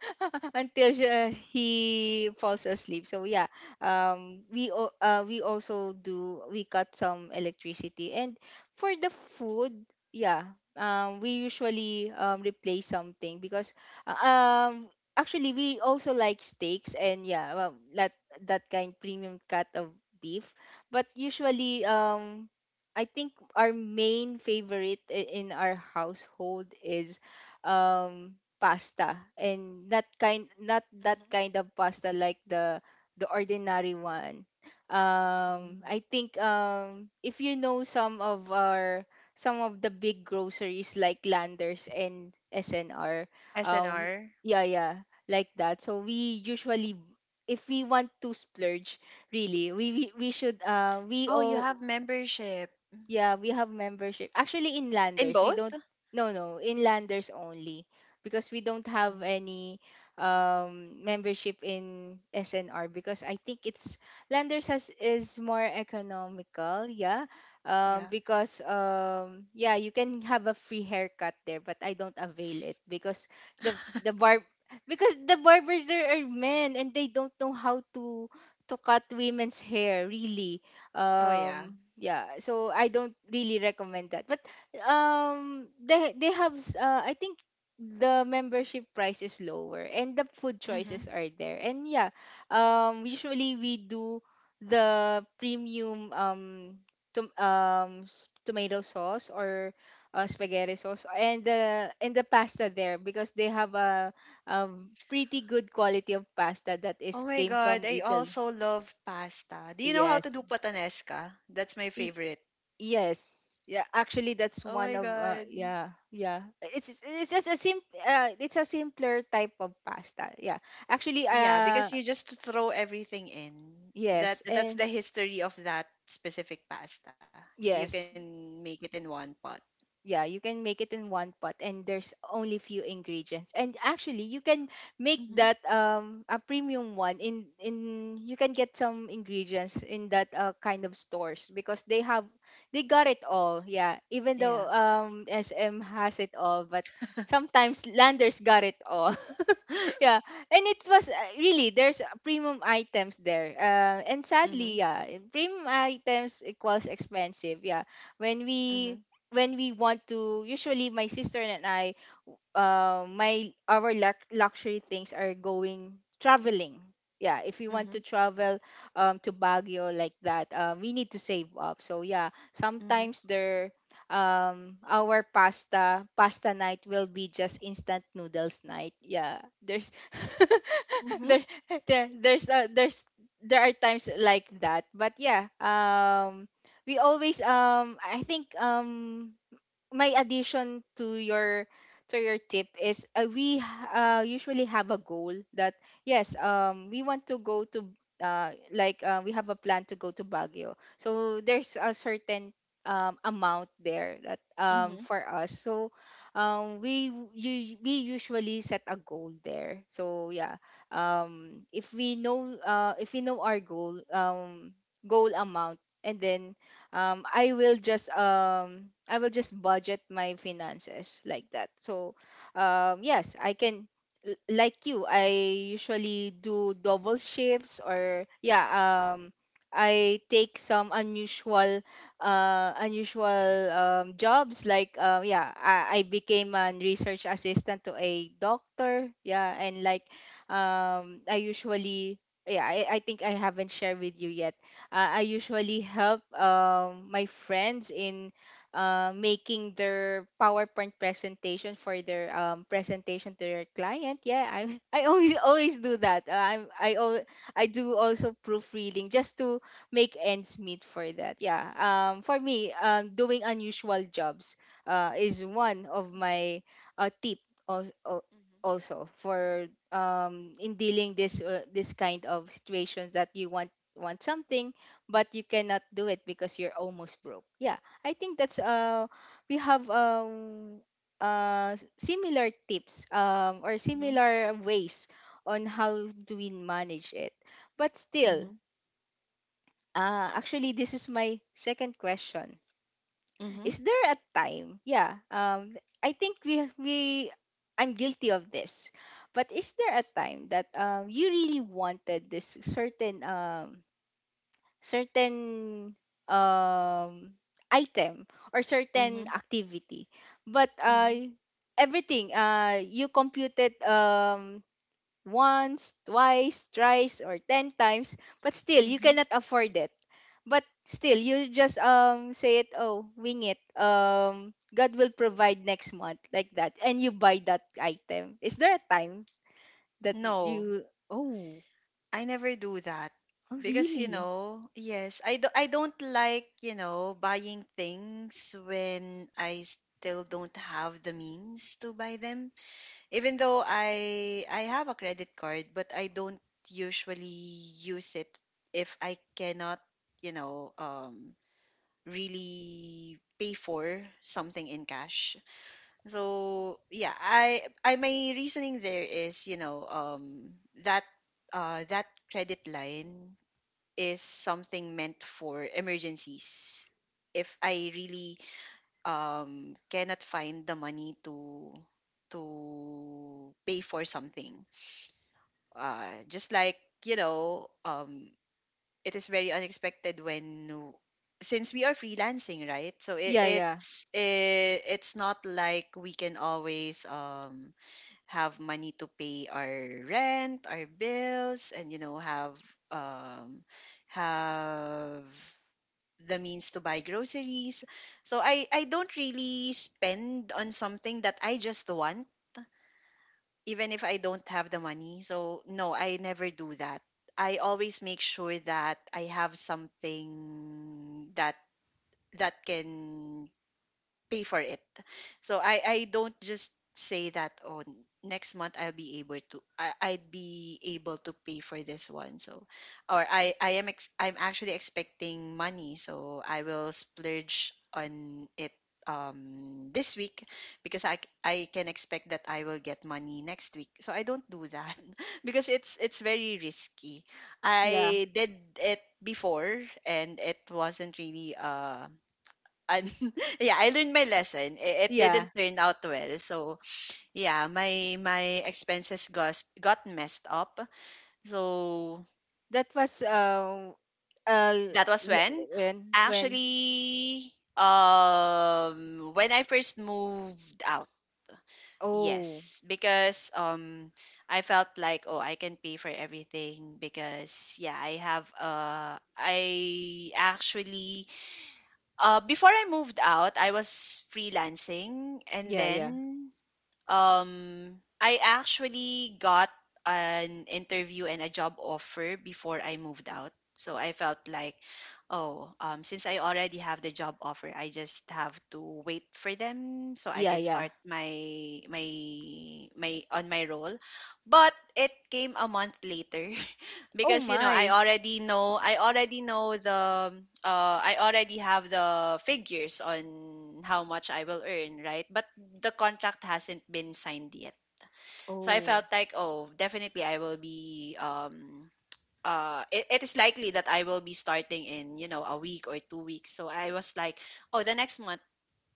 S1: until, he falls asleep. So yeah, we we also do we cut some electricity, and for the food, yeah, we usually replace something because uh, um actually, we also like steaks. And yeah, well, that kind premium cut of beef. But usually, I think our main favorite in our household is pasta, and that kind — not that
S2: Mm-hmm.
S1: kind of pasta like the ordinary one.
S2: Mm-hmm.
S1: I think if you know some of the big groceries like Landers and SNR, um,
S2: SNR.
S1: yeah, yeah, like that. So we usually, if we want to splurge, really, we should, we
S2: Oh, you
S1: all.
S2: have membership.
S1: Yeah, we have membership. Actually,
S2: In
S1: inlanders, we
S2: both?
S1: don't. No, no, inlanders only, because we don't have
S2: Hmm.
S1: any membership in SNR, because I think it's, landers has is more economical. Yeah.
S2: Yeah.
S1: Because yeah, you can have a free haircut there, but I don't avail it because the the barb because the barbers there are men, and they don't know how to cut women's hair, really.
S2: Oh yeah.
S1: Yeah so I don't really recommend that. But they have, I think the membership price is lower, and the food
S2: Mm-hmm.
S1: choices are there, and yeah, usually we do the premium tomato sauce, or spaghetti sauce, and the pasta there, because they have a pretty good quality of pasta that is
S2: Oh my
S1: came from
S2: god, I
S1: Italy.
S2: also love pasta. Do you know how
S1: Yes.
S2: to do patanesca? That's my favorite.
S1: Yes. Yeah, actually that's
S2: Oh
S1: one
S2: my
S1: of
S2: god.
S1: yeah, yeah. It's a simpler type of pasta. Yeah. Actually
S2: Yeah, because you just throw everything in.
S1: yes,
S2: That that's the
S1: and
S2: history of that specific pasta. You
S1: yes.
S2: can make it in one pot.
S1: Yeah, you can make it in one pot, and there's only few ingredients, and actually you can make
S2: Mm-hmm.
S1: that a premium one in — you can get some ingredients in that kind of stores, because they got it all. Yeah, even
S2: Yeah.
S1: though sm has it all, but sometimes landers got it all. Yeah. And it was really, there's premium items there, and sadly, yeah, premium items equals expensive. Yeah, when we
S2: Mm-hmm.
S1: when we want to, usually my sister and I, my our luxury things are going traveling. Yeah, if we want
S2: Mhm,
S1: to travel to Baguio like that, we need to save up. So yeah,
S2: mhm,
S1: sometimes there, our pasta night will be just instant noodles night. Yeah, there's
S2: mhm,
S1: there, there there's there are times like that. But yeah, we always, I think, my addition to your tip is, we usually have a goal that, yes, we want to go to, like, we have a plan to go to Baguio, so there's a certain amount there, that
S2: mhm,
S1: for us. So we w- you we usually set a goal there. So yeah, if we know, if we know our goal, amount, and then I will just budget my finances like that. So yes, I can, like you, I usually do double shifts, or yeah, um I take some unusual, jobs like, yeah, I became a research assistant to a doctor, yeah, and like, I usually yeah, I think I haven't shared with you yet. I usually help my friends in making their PowerPoint presentation for their presentation to their client. Yeah, I I always always do that. I do also proofreading, just to make ends meet for that. Yeah. For me, doing unusual jobs is one of my tip, al- al-
S2: mhm,
S1: also for, in dealing this kind of situations that you want something, but you cannot do it because you're almost broke. Yeah, I think that's we have similar tips, or
S2: mhm,
S1: similar ways on how do we manage it. But still, actually, this is my second question.
S2: mhm,
S1: Is there a time? Yeah, I think we I'm guilty of this. But is there a time that you really wanted this certain, certain um item, or certain
S2: mhm,
S1: activity, but
S2: mhm,
S1: everything, you compute it, once, twice, thrice, or 10 times, but still you
S2: mhm.
S1: cannot afford it, but still you just say it, oh, wing it, god will provide next month, like that, and you buy that item? Is there a time that
S2: No,
S1: you — oh,
S2: I never do that
S1: oh
S2: because you
S1: really?
S2: know, yes, I don't like, you know, buying things when I still don't have the means to buy them. Even though I have a credit card, but I don't usually use it if I cannot, you know, really pay for something in cash. So yeah, I my reasoning there is, you know, that that credit line is something meant for emergencies. If I really cannot find the money to pay for something. Just like, you know, it is very unexpected since we are freelancing, right? So
S1: Yeah, yeah,
S2: it's it's not like we can always have money to pay our rent, our bills, and you know um have the means to buy groceries. So I don't really spend on something that I just want, even if I don't have the money. So no, I never do that. I always make sure that I have something that that can pay for it. So I don't just say that oh next month I'd be able to pay for this one. So or I'm actually expecting money so I will splurge on it this week because I can expect that I will get money next week. So I don't do that because it's very risky.
S1: yeah,
S2: I did it before and it wasn't really and yeah, I learned my lesson. I- It
S1: yeah.
S2: didn't turn out well. So yeah, my expenses got messed up. So
S1: That was
S2: that was when
S1: when when —
S2: actually when I first moved out.
S1: oh,
S2: Yes, because I felt like oh I can pay for everything because yeah I actually before I moved out I was freelancing and
S1: yeah, yeah,
S2: then um I actually got an interview and a job offer before I moved out. So I felt like, oh, since I already have the job offer, I just have to wait for them so I
S1: yeah,
S2: can
S1: yeah.
S2: start my my on my role. But it came a month later
S1: Oh
S2: because you know
S1: my.
S2: I already know the I already have the figures on how much I will earn, right? But the contract hasn't been signed yet, so I
S1: Oh.
S2: felt like oh definitely I will be it, it is likely that I will be starting in you know a week or 2 weeks. So I was like oh the next month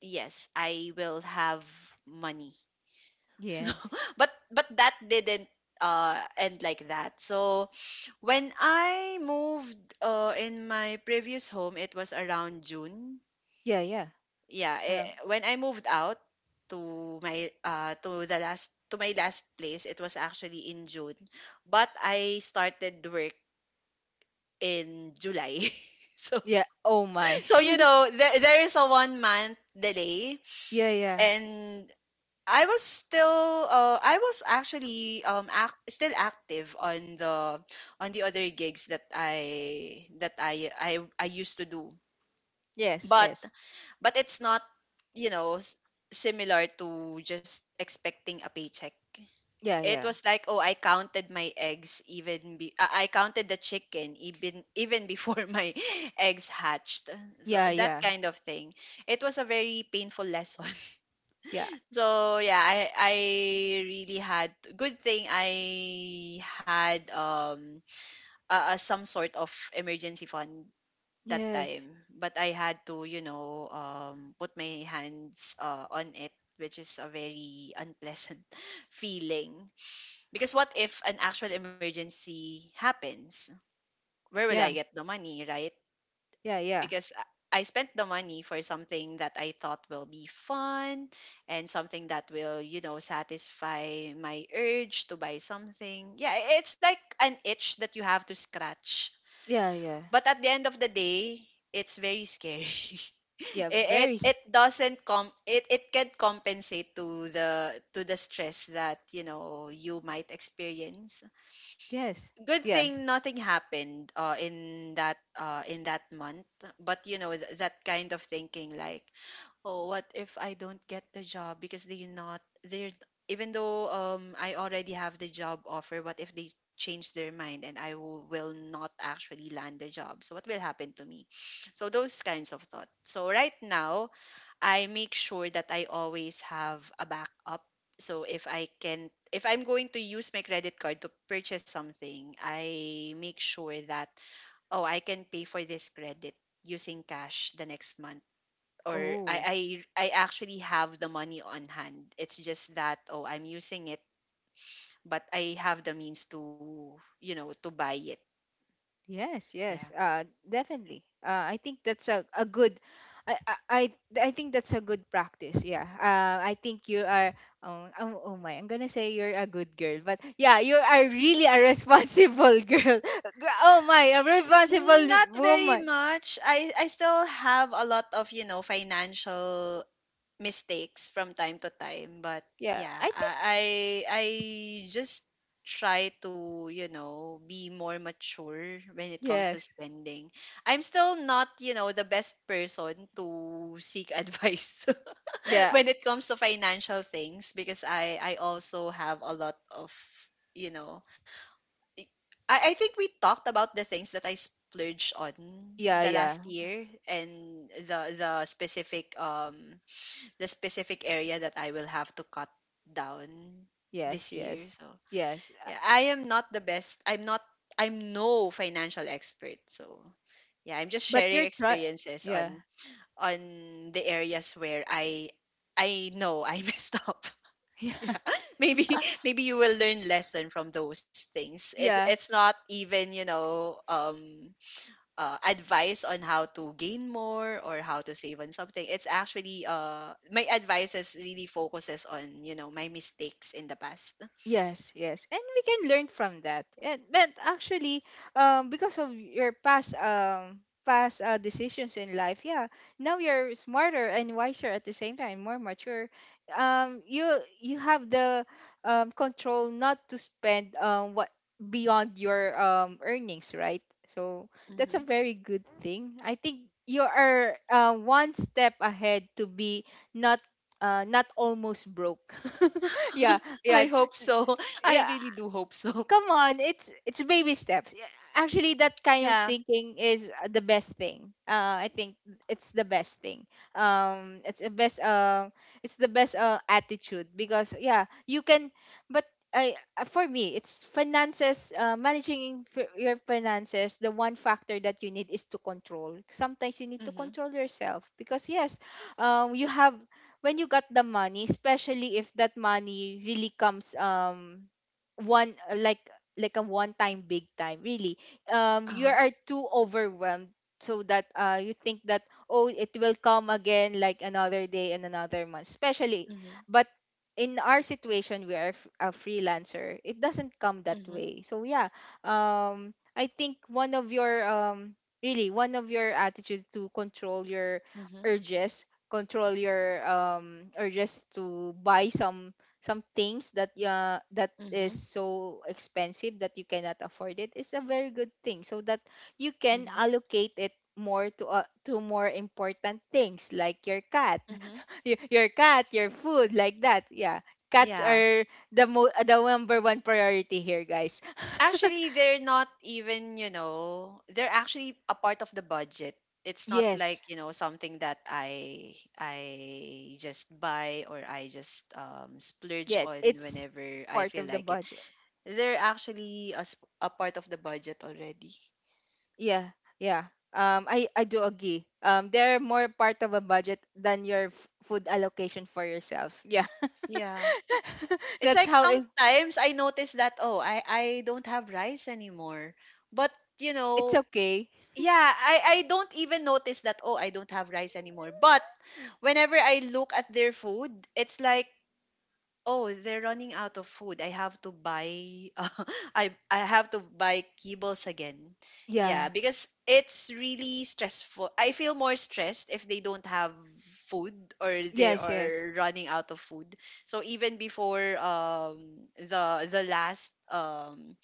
S2: yes I will have money so
S1: Yes.
S2: but that didn't end like that. So when I moved in my previous home, it was around June.
S1: Yeah, yeah,
S2: Yeah, eh,
S1: around.
S2: when I moved out to my to my last place, it was actually in June. But I started work in July. So
S1: Yeah. Oh my.
S2: so you know there is a 1 month delay,
S1: Yeah, yeah.
S2: and I was still I was actually still active on the other gigs that I I used to do.
S1: Yes,
S2: But
S1: yes.
S2: but it's not, you know, s- similar to just expecting a paycheck.
S1: Yeah,
S2: It
S1: yeah,
S2: was like, oh, I counted the chicken even even before my eggs hatched. So
S1: yeah,
S2: that
S1: yeah,
S2: kind of thing. It was a very painful lesson.
S1: yeah.
S2: So yeah, I really had good thing I had some sort of emergency fund that
S1: Yes.
S2: time, but I had to, put my hands on it, which is a very unpleasant feeling. Because what if an actual emergency happens? Where will I
S1: Yeah,
S2: get the money, right?
S1: yeah, yeah,
S2: Because I spent the money for something that I thought will be fun, and something that will, you know, satisfy my urge to buy something. Yeah, it's like an itch that you have to scratch.
S1: yeah, yeah,
S2: But at the end of the day, it's very scary.
S1: yeah,
S2: it, it
S1: very
S2: it doesn't com It it can compensate to the stress that, you know, you might experience.
S1: yes,
S2: Good
S1: yes.
S2: thing nothing happened in that in that month. But you know, that kind of thinking like, oh, what if I don't get the job because they're not, they're, even though I already have the job offer, what if they change their mind and I will not actually land the job, so what will happen to me? So those kinds of thoughts. So right now I make sure that I always have a backup. So if I can, if I'm going to use my credit card to purchase something, I make sure that, oh, I can pay for this credit using cash the next month, or I
S1: Oh.
S2: I I actually have the money on hand. It's just that, oh, I'm using it, but I have the means to, you know, to buy it.
S1: Yes,
S2: Yeah.
S1: yes, definitely. I think that's a good I, I think that's a good practice. Yeah. I think you are, oh, oh, oh my, I'm gonna say you're a good girl, but yeah, you are really a responsible girl. Oh my, a responsible
S2: Not very
S1: woman.
S2: much. I still have a lot of, you know, financial mistakes from time to time. But
S1: Yeah.
S2: yeah,
S1: I think,
S2: I I just try to, you know, be more mature when it comes
S1: yes.
S2: to spending. I'm still not, you know, the best person to seek advice
S1: Yeah,
S2: when it comes to financial things, because I also have a lot of, you know, I think we talked about the things that I splurged on
S1: yeah,
S2: the
S1: yeah.
S2: last year, and the specific the specific area that I will have to cut down
S1: Yes,
S2: this year.
S1: yes,
S2: So
S1: yes.
S2: yeah, I am not the best. I'm not. I'm no financial expert. So yeah, I'm just
S1: But
S2: sharing
S1: you're trying,
S2: experiences
S1: yeah.
S2: on the areas where I know I messed up. Yeah. Maybe maybe you will learn lesson from those things.
S1: Yeah.
S2: It's not even, you know, advice on how to gain more or how to save on something. It's actually, my advice is really focuses on, you know, my mistakes in the past.
S1: Yes, yes. And we can learn from that. And but actually, because of your past, decisions in life, yeah, now you're smarter and wiser at the same time, more mature. You, you have the control not to spend what beyond your earnings, right? So that's a
S2: Hmm.
S1: very good thing. I think you are, one step ahead to be not — not almost broke. Yeah, yeah,
S2: I hope so. I
S1: yeah,
S2: really do hope so.
S1: come on, it's baby steps. Yeah, actually that kind of
S2: Yeah.
S1: thinking is the best thing. I think it's the best thing um it's the best uh it's the best attitude, because yeah, you can, but I, for me, it's finances, managing your finances. The one factor that you need is to control. Sometimes you need to
S2: Mm-hmm.
S1: control yourself because, yes, you have, when you got the money, especially if that money really comes one, like a one time big time, really,
S2: Uh huh.
S1: you are too overwhelmed, so that you think that, oh, it will come again, like another day and another month, especially.
S2: Mm-hmm.
S1: But in our situation, we are a freelancer, it doesn't come that
S2: Mm-hmm.
S1: way. So yeah, I think one of your, really, one of your attitudes to control your
S2: Mm-hmm.
S1: urges, control your urges to buy some — some things that that
S2: Mm-hmm.
S1: is so expensive that you cannot afford it, is a very good thing, so that you can allocate it more to, to more important things, like your cat.
S2: Mm-hmm.
S1: Your your cat, your food, like that, yeah. Cats
S2: Yeah.
S1: are the number one priority here, guys.
S2: Actually, they're not even, you know, they're actually a part of the budget. It's not
S1: Yes,
S2: like, you know, something that I just buy or I just splurge
S1: yes,
S2: on
S1: it's
S2: whenever I
S1: part
S2: feel
S1: of the
S2: like it.
S1: budget.
S2: They're actually a, a part of the budget already.
S1: Yeah, yeah. I do agree, they're more part of a budget than your food allocation for yourself, yeah.
S2: Yeah. It's
S1: That's
S2: like
S1: how it —
S2: sometimes I notice that, oh, I don't have rice anymore. But, you
S1: it's
S2: know,
S1: okay.
S2: yeah, I don't even notice that, oh, I don't have rice anymore. But whenever I look at their food, it's like, oh, they're running out of food. I have to buy, I have to buy kibbles again.
S1: Yeah.
S2: Yeah, because it's really stressful. I feel more stressed if they don't have food or they
S1: Yes, yes.
S2: are running out of food. So even before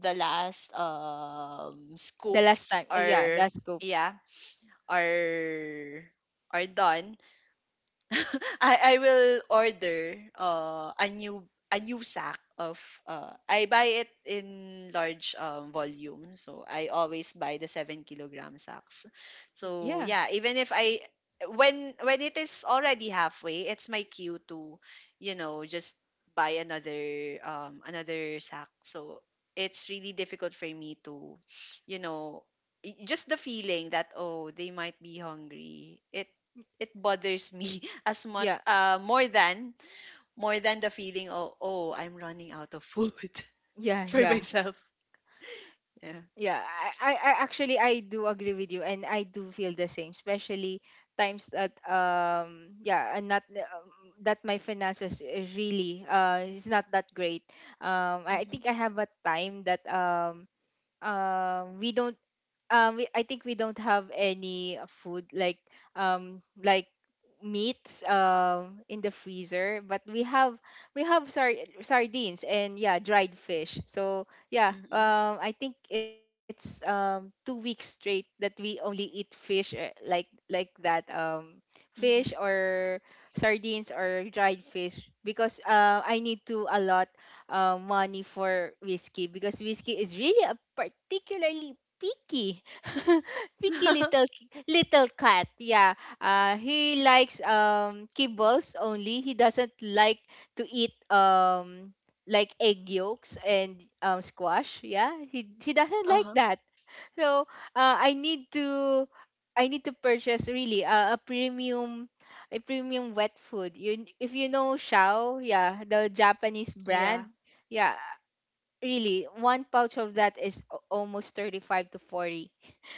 S2: the last
S1: The last
S2: scoops
S1: time. Yeah,
S2: are,
S1: last scopes.
S2: yeah, are are done. I will order a new sack of, I buy it in large volume, so I always buy the 7 kilogram sacks.
S1: Mm.
S2: So
S1: Yeah.
S2: yeah, even if I, when it is already halfway, it's my cue to, you know, just buy another another sack. So it's really difficult for me to, you know, just the feeling that, oh, they might be hungry. It bothers me as much,
S1: Yeah.
S2: more than the feeling of, oh, I'm running out of food
S1: Yeah,
S2: for
S1: yeah.
S2: myself. Yeah.
S1: Yeah. I actually I do agree with you, and I do feel the same, especially times that yeah, and not, that my finances really is not that great. I think
S2: Mm-hmm.
S1: I have a time that, we don't, I think we don't have any food like, like meats in the freezer, but we have — sardines, and yeah, dried fish. So yeah,
S2: Mm-hmm.
S1: I think it's 2 weeks straight that we only eat fish, like that, fish, or sardines, or dried fish, because I need to allot money for Whiskey, because Whiskey is really a particularly picky picky
S2: Mm-hmm.
S1: little little cat. Yeah. He likes kibbles only. He doesn't like to eat like egg yolks and squash. Yeah. He doesn't like
S2: Uh-huh.
S1: that. So uh, I need to I need to purchase, really, a premium — a premium wet food. You — if you know Shao, yeah, the Japanese
S2: Yeah.
S1: brand. Yeah. Really, one pouch of that is almost 35 to 40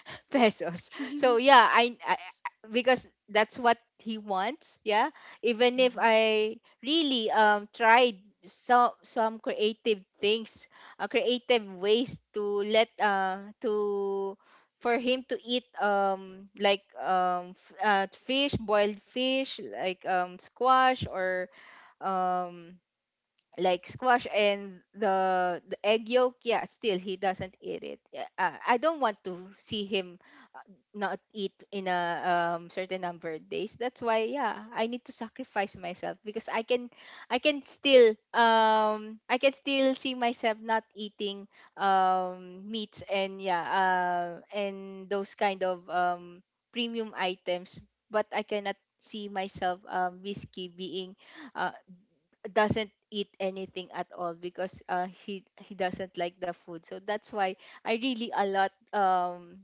S1: pesos.
S2: Mm-hmm.
S1: So yeah, because that's what he wants. Yeah, even if I really tried some creative things, creative ways to let to for him to eat fish, boiled fish, like squash or um like squash and the egg yolk. Yeah, still he doesn't eat it. Yeah, I don't want to see him not eat in a certain number of days. That's why, yeah, I need to sacrifice myself, because I can I can still see myself not eating meats and yeah, and those kind of premium items, but I cannot see myself Whiskey being uh, doesn't eat anything at all because he doesn't like the food. So that's why I really a lot,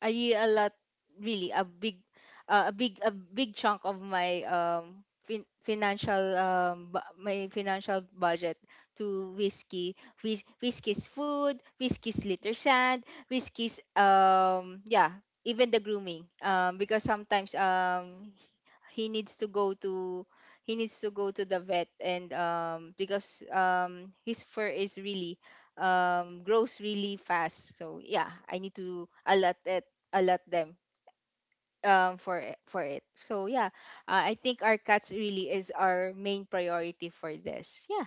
S1: I really a lot really a big, a big chunk of my financial my financial budget to Whiskey. Whiskey's food, Whiskey's litter sand, Whiskey's yeah, even the grooming, because sometimes he needs to go to he needs to go to the vet, and because his fur is really grows really fast. So yeah, I need to allot it, allot them for it, for it. So yeah, I think our cats really is our main priority for this. Yeah.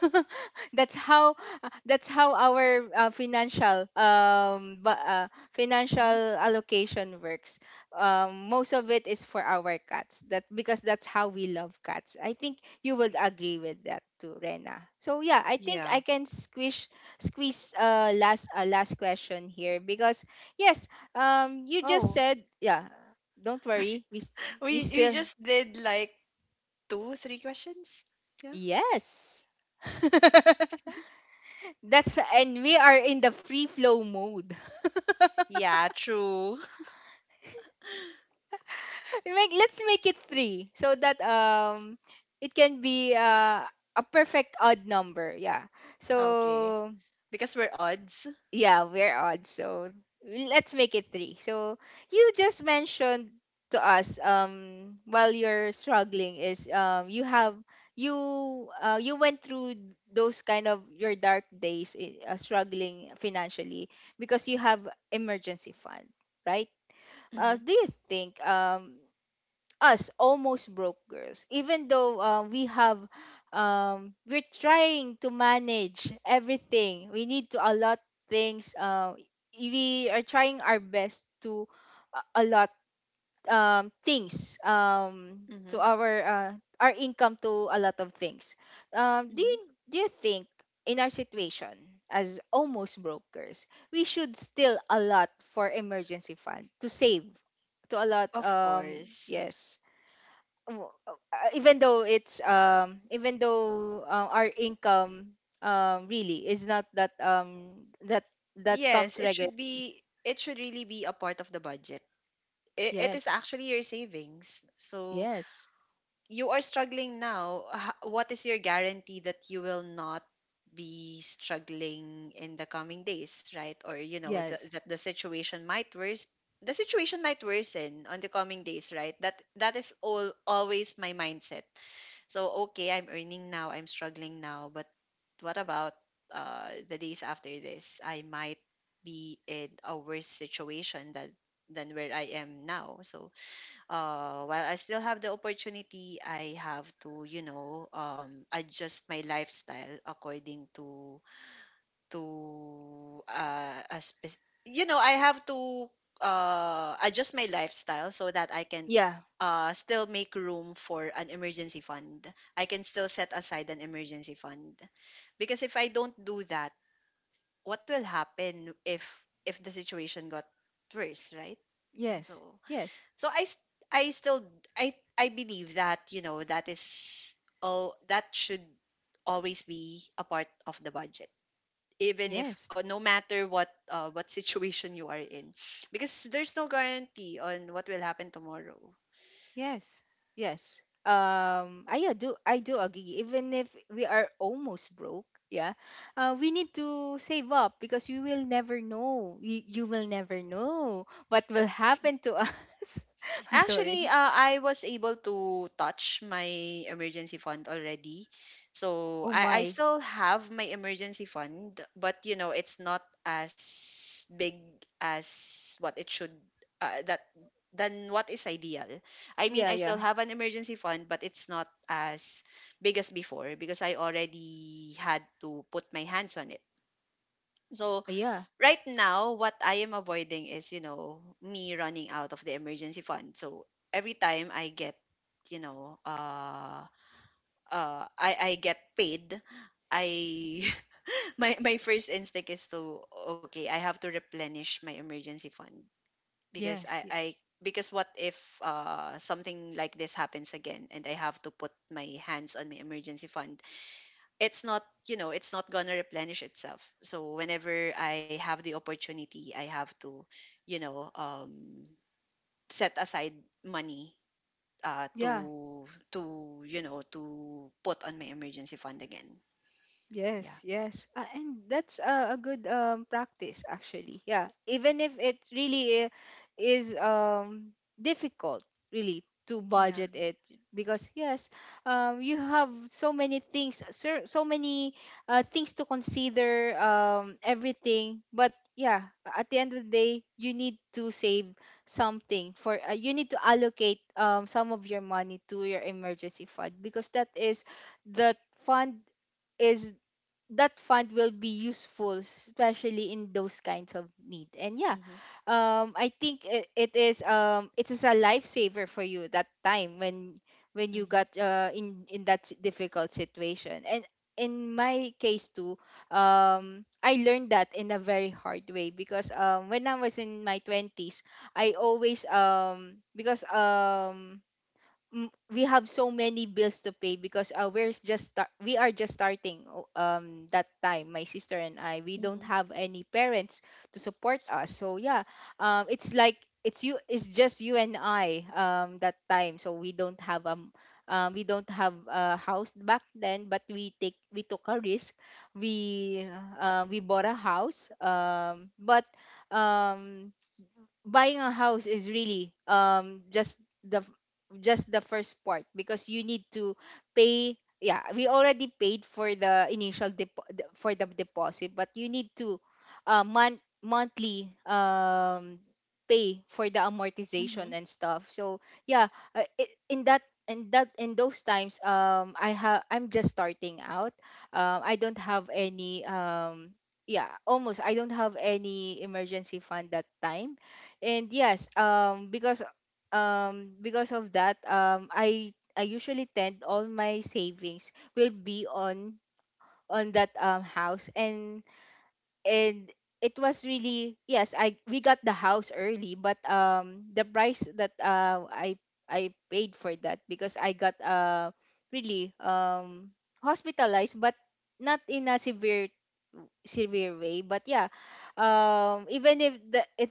S1: That's how, that's how our financial, but
S2: Mm-hmm.
S1: financial allocation works. Most of it is for our cats, That because that's how we love cats. I think you would agree with that too, Rena. So yeah, I think I
S2: Yeah.
S1: can squish, squeeze last, a last question here, because yes, you just
S2: Oh.
S1: said, yeah, don't worry. We
S2: We
S1: still,
S2: just did like two, three questions. Yeah.
S1: yes. That's, and we are in the free flow mode.
S2: Yeah, true.
S1: Make, let's make it three, so that it can be a perfect odd number. Yeah.
S2: Okay.
S1: So
S2: Because we're odds.
S1: yeah, we're odd. So let's make it three. So you just mentioned to us, while you're struggling is you have, you, you went through those kind of your dark days, struggling financially, because you have emergency fund, right? Uh,
S2: Mm-hmm.
S1: do you think us almost broke girls, even though we have, we're trying to manage everything, we need to allot things, we are trying our best to allot things, to
S2: Mm-hmm.
S1: our income to a lot of things, do
S2: Mm-hmm.
S1: you, do you think in our situation as almost brokers we should still allot for emergency fund to save, to allot,
S2: Of course.
S1: yes, even though it's, even though our income really is not that, that that
S2: Yes,
S1: comes
S2: it should
S1: regular.
S2: be, it should really be a part of the budget. It is
S1: Yes,
S2: actually your savings. So
S1: yes,
S2: you are struggling now. What is your guarantee that you will not be struggling in the coming days, right? Or you know the,
S1: yes,
S2: that the situation might worse. The situation might worsen on the coming days, right? That that is all always my mindset. So okay, I'm earning now, I'm struggling now, but what about, the days after this? I might be in a worse situation than where I am now. So while I still have the opportunity, I have to, you know, adjust my lifestyle according to, you know, I have to adjust my lifestyle so that I can
S1: yeah,
S2: still make room for an emergency fund. I can still set aside an emergency fund, because if I don't do that, what will happen if the situation got worse, right?
S1: yes,
S2: So
S1: yes,
S2: so I s- I still I believe that, you know, that is, oh, that should always be a part of the budget, even if
S1: yes,
S2: no matter what situation you are in, because there's no guarantee on what will happen tomorrow.
S1: yes, yes. Um, I, do I do agree. Even if we are almost broke, yeah, we need to save up, because you will never know, you will never know what will happen to us. I'm
S2: Actually,
S1: sorry.
S2: I was able to touch my emergency fund already. So
S1: Oh
S2: I
S1: my.
S2: still have my emergency fund, but you know, it's not as big as what it should, that than what is ideal. I mean,
S1: Yeah,
S2: I still
S1: yeah.
S2: have an emergency fund, but it's not as big as before, because I already had to put my hands on it. So
S1: Yeah.
S2: right now, what I am avoiding is, you know, me running out of the emergency fund. So every time I get, you know, uh, I get paid, I my first instinct is to, okay, I have to replenish my emergency fund, because
S1: Yes,
S2: I
S1: y-.
S2: I because what if something like this happens again and I have to put my hands on my emergency fund? It's not, you know, it's not gonna replenish itself. So whenever I have the opportunity, I have to, you know, set aside money uh
S1: Yeah.
S2: to to, you know, to put on my emergency fund again. Yeah.
S1: Yes, yes. And that's a good, practice, actually. Yeah. Even if it really is, difficult, really, to budget
S2: Yeah.
S1: it. Because, yes, you have so many things, so many, things to consider, everything. But yeah, at the end of the day, you need to save something for, you need to allocate, some of your money to your emergency fund, because that is the fund, is, that fund will be useful especially in those kinds of need. And yeah,
S2: Mm-hmm.
S1: I think it is, it is a lifesaver for you that time when you
S2: Mm-hmm.
S1: got in that difficult situation. And in my case too, I learned that in a very hard way, because when I was in my 20s, I always, we have so many bills to pay, because we are just starting that time. My sister and I, we don't have any parents to support us. So yeah, it's like, it's you, it's just you and I that time, so we don't have, we don't have a house back then, but we take, we took a risk, we, we bought a house. But um Buying a house is really just the f- just the first part, because you need to pay. Yeah, we already paid for the initial for the deposit, but you need to monthly, pay for the amortization
S2: Mm-hmm.
S1: and stuff. So yeah, in that, in those times, I have, I'm just starting out, I don't have any, yeah, almost, I don't have any emergency fund that time. And yes, because, because of that, I usually tend, all my savings will be on that house. And it was really, yes, I we got the house early, but the price that I paid for that, because I got really, hospitalized, but not in a severe, severe way. But yeah, even if the it,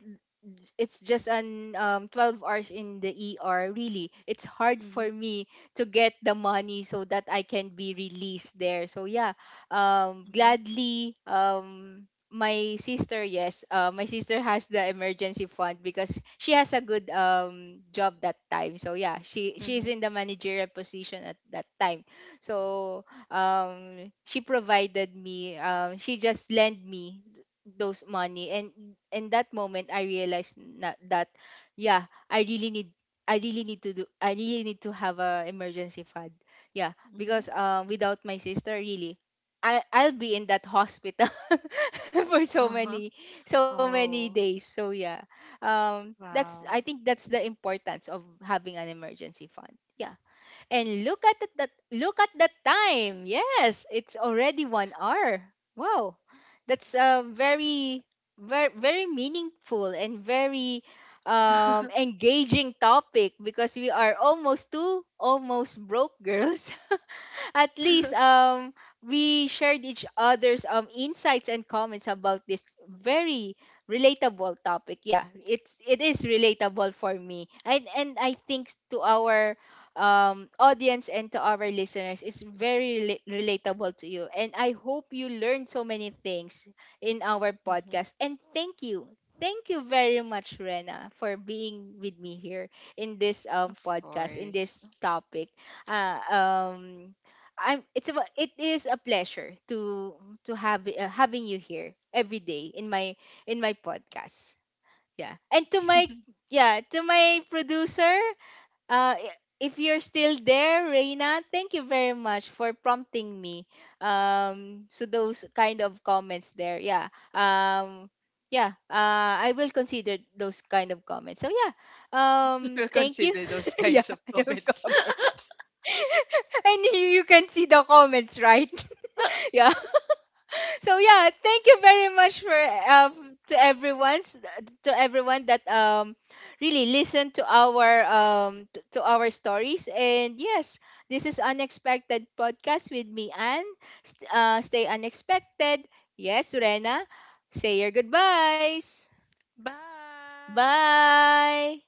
S1: it's just an 12 hours in the ER, really it's hard for
S2: Mm-hmm.
S1: me to get the money so that I can be released there. So yeah,
S2: Mm-hmm. Mm-hmm.
S1: gladly, my sister, yes, my sister has the emergency fund, because she has a good job that time. So yeah, she's
S2: Mm-hmm.
S1: in the managerial position at that time. So she provided me, she just lent me those money. And in that moment I realized that, yeah, I really need, I really need to do, I really need to have a emergency fund. Yeah,
S2: Hmm.
S1: because without my sister, really I'll be in that hospital for so
S2: Uh-huh.
S1: many, so many
S2: Oh.
S1: days. So yeah. Um, that's, I
S2: Wow.
S1: think that's the importance of having an emergency fund. Yeah. And look at the, that look at the time. Yes, it's already 1 hour. Wow, that's very, very meaningful and very, engaging topic, because we are almost two almost broke girls. At least we shared each other's insights and comments about this very relatable topic. Yeah, it's, it is relatable for me, and I think to our audience and to our listeners, it's very relatable to you, and I hope you learned so many things in our
S2: Mhm.
S1: podcast. And thank you, thank you very much, Rena, for being with me here in this
S2: Of
S1: podcast, in
S2: course.
S1: this topic. uh, um I'm, it's a, it is a pleasure to have, having you here every day in my, in my podcast. Yeah. And to my, yeah, to my producer, if you're still there, Reina, thank you very much for prompting me. Um, so those kind of comments there. Yeah. Um, yeah, I will consider those kind of comments. So yeah,
S2: We'll
S1: thank you.
S2: consider those
S1: Yeah,
S2: kinds of
S1: I have
S2: comments.
S1: comments. And you can see the comments, right? Yeah. So yeah, thank you very much for, uh, to everyone's, to everyone that really listened to our to our stories. And yes, this is Unexpected Podcast with me, and stay unexpected. Yes, Rena, say your goodbyes.
S2: Bye.
S1: Bye.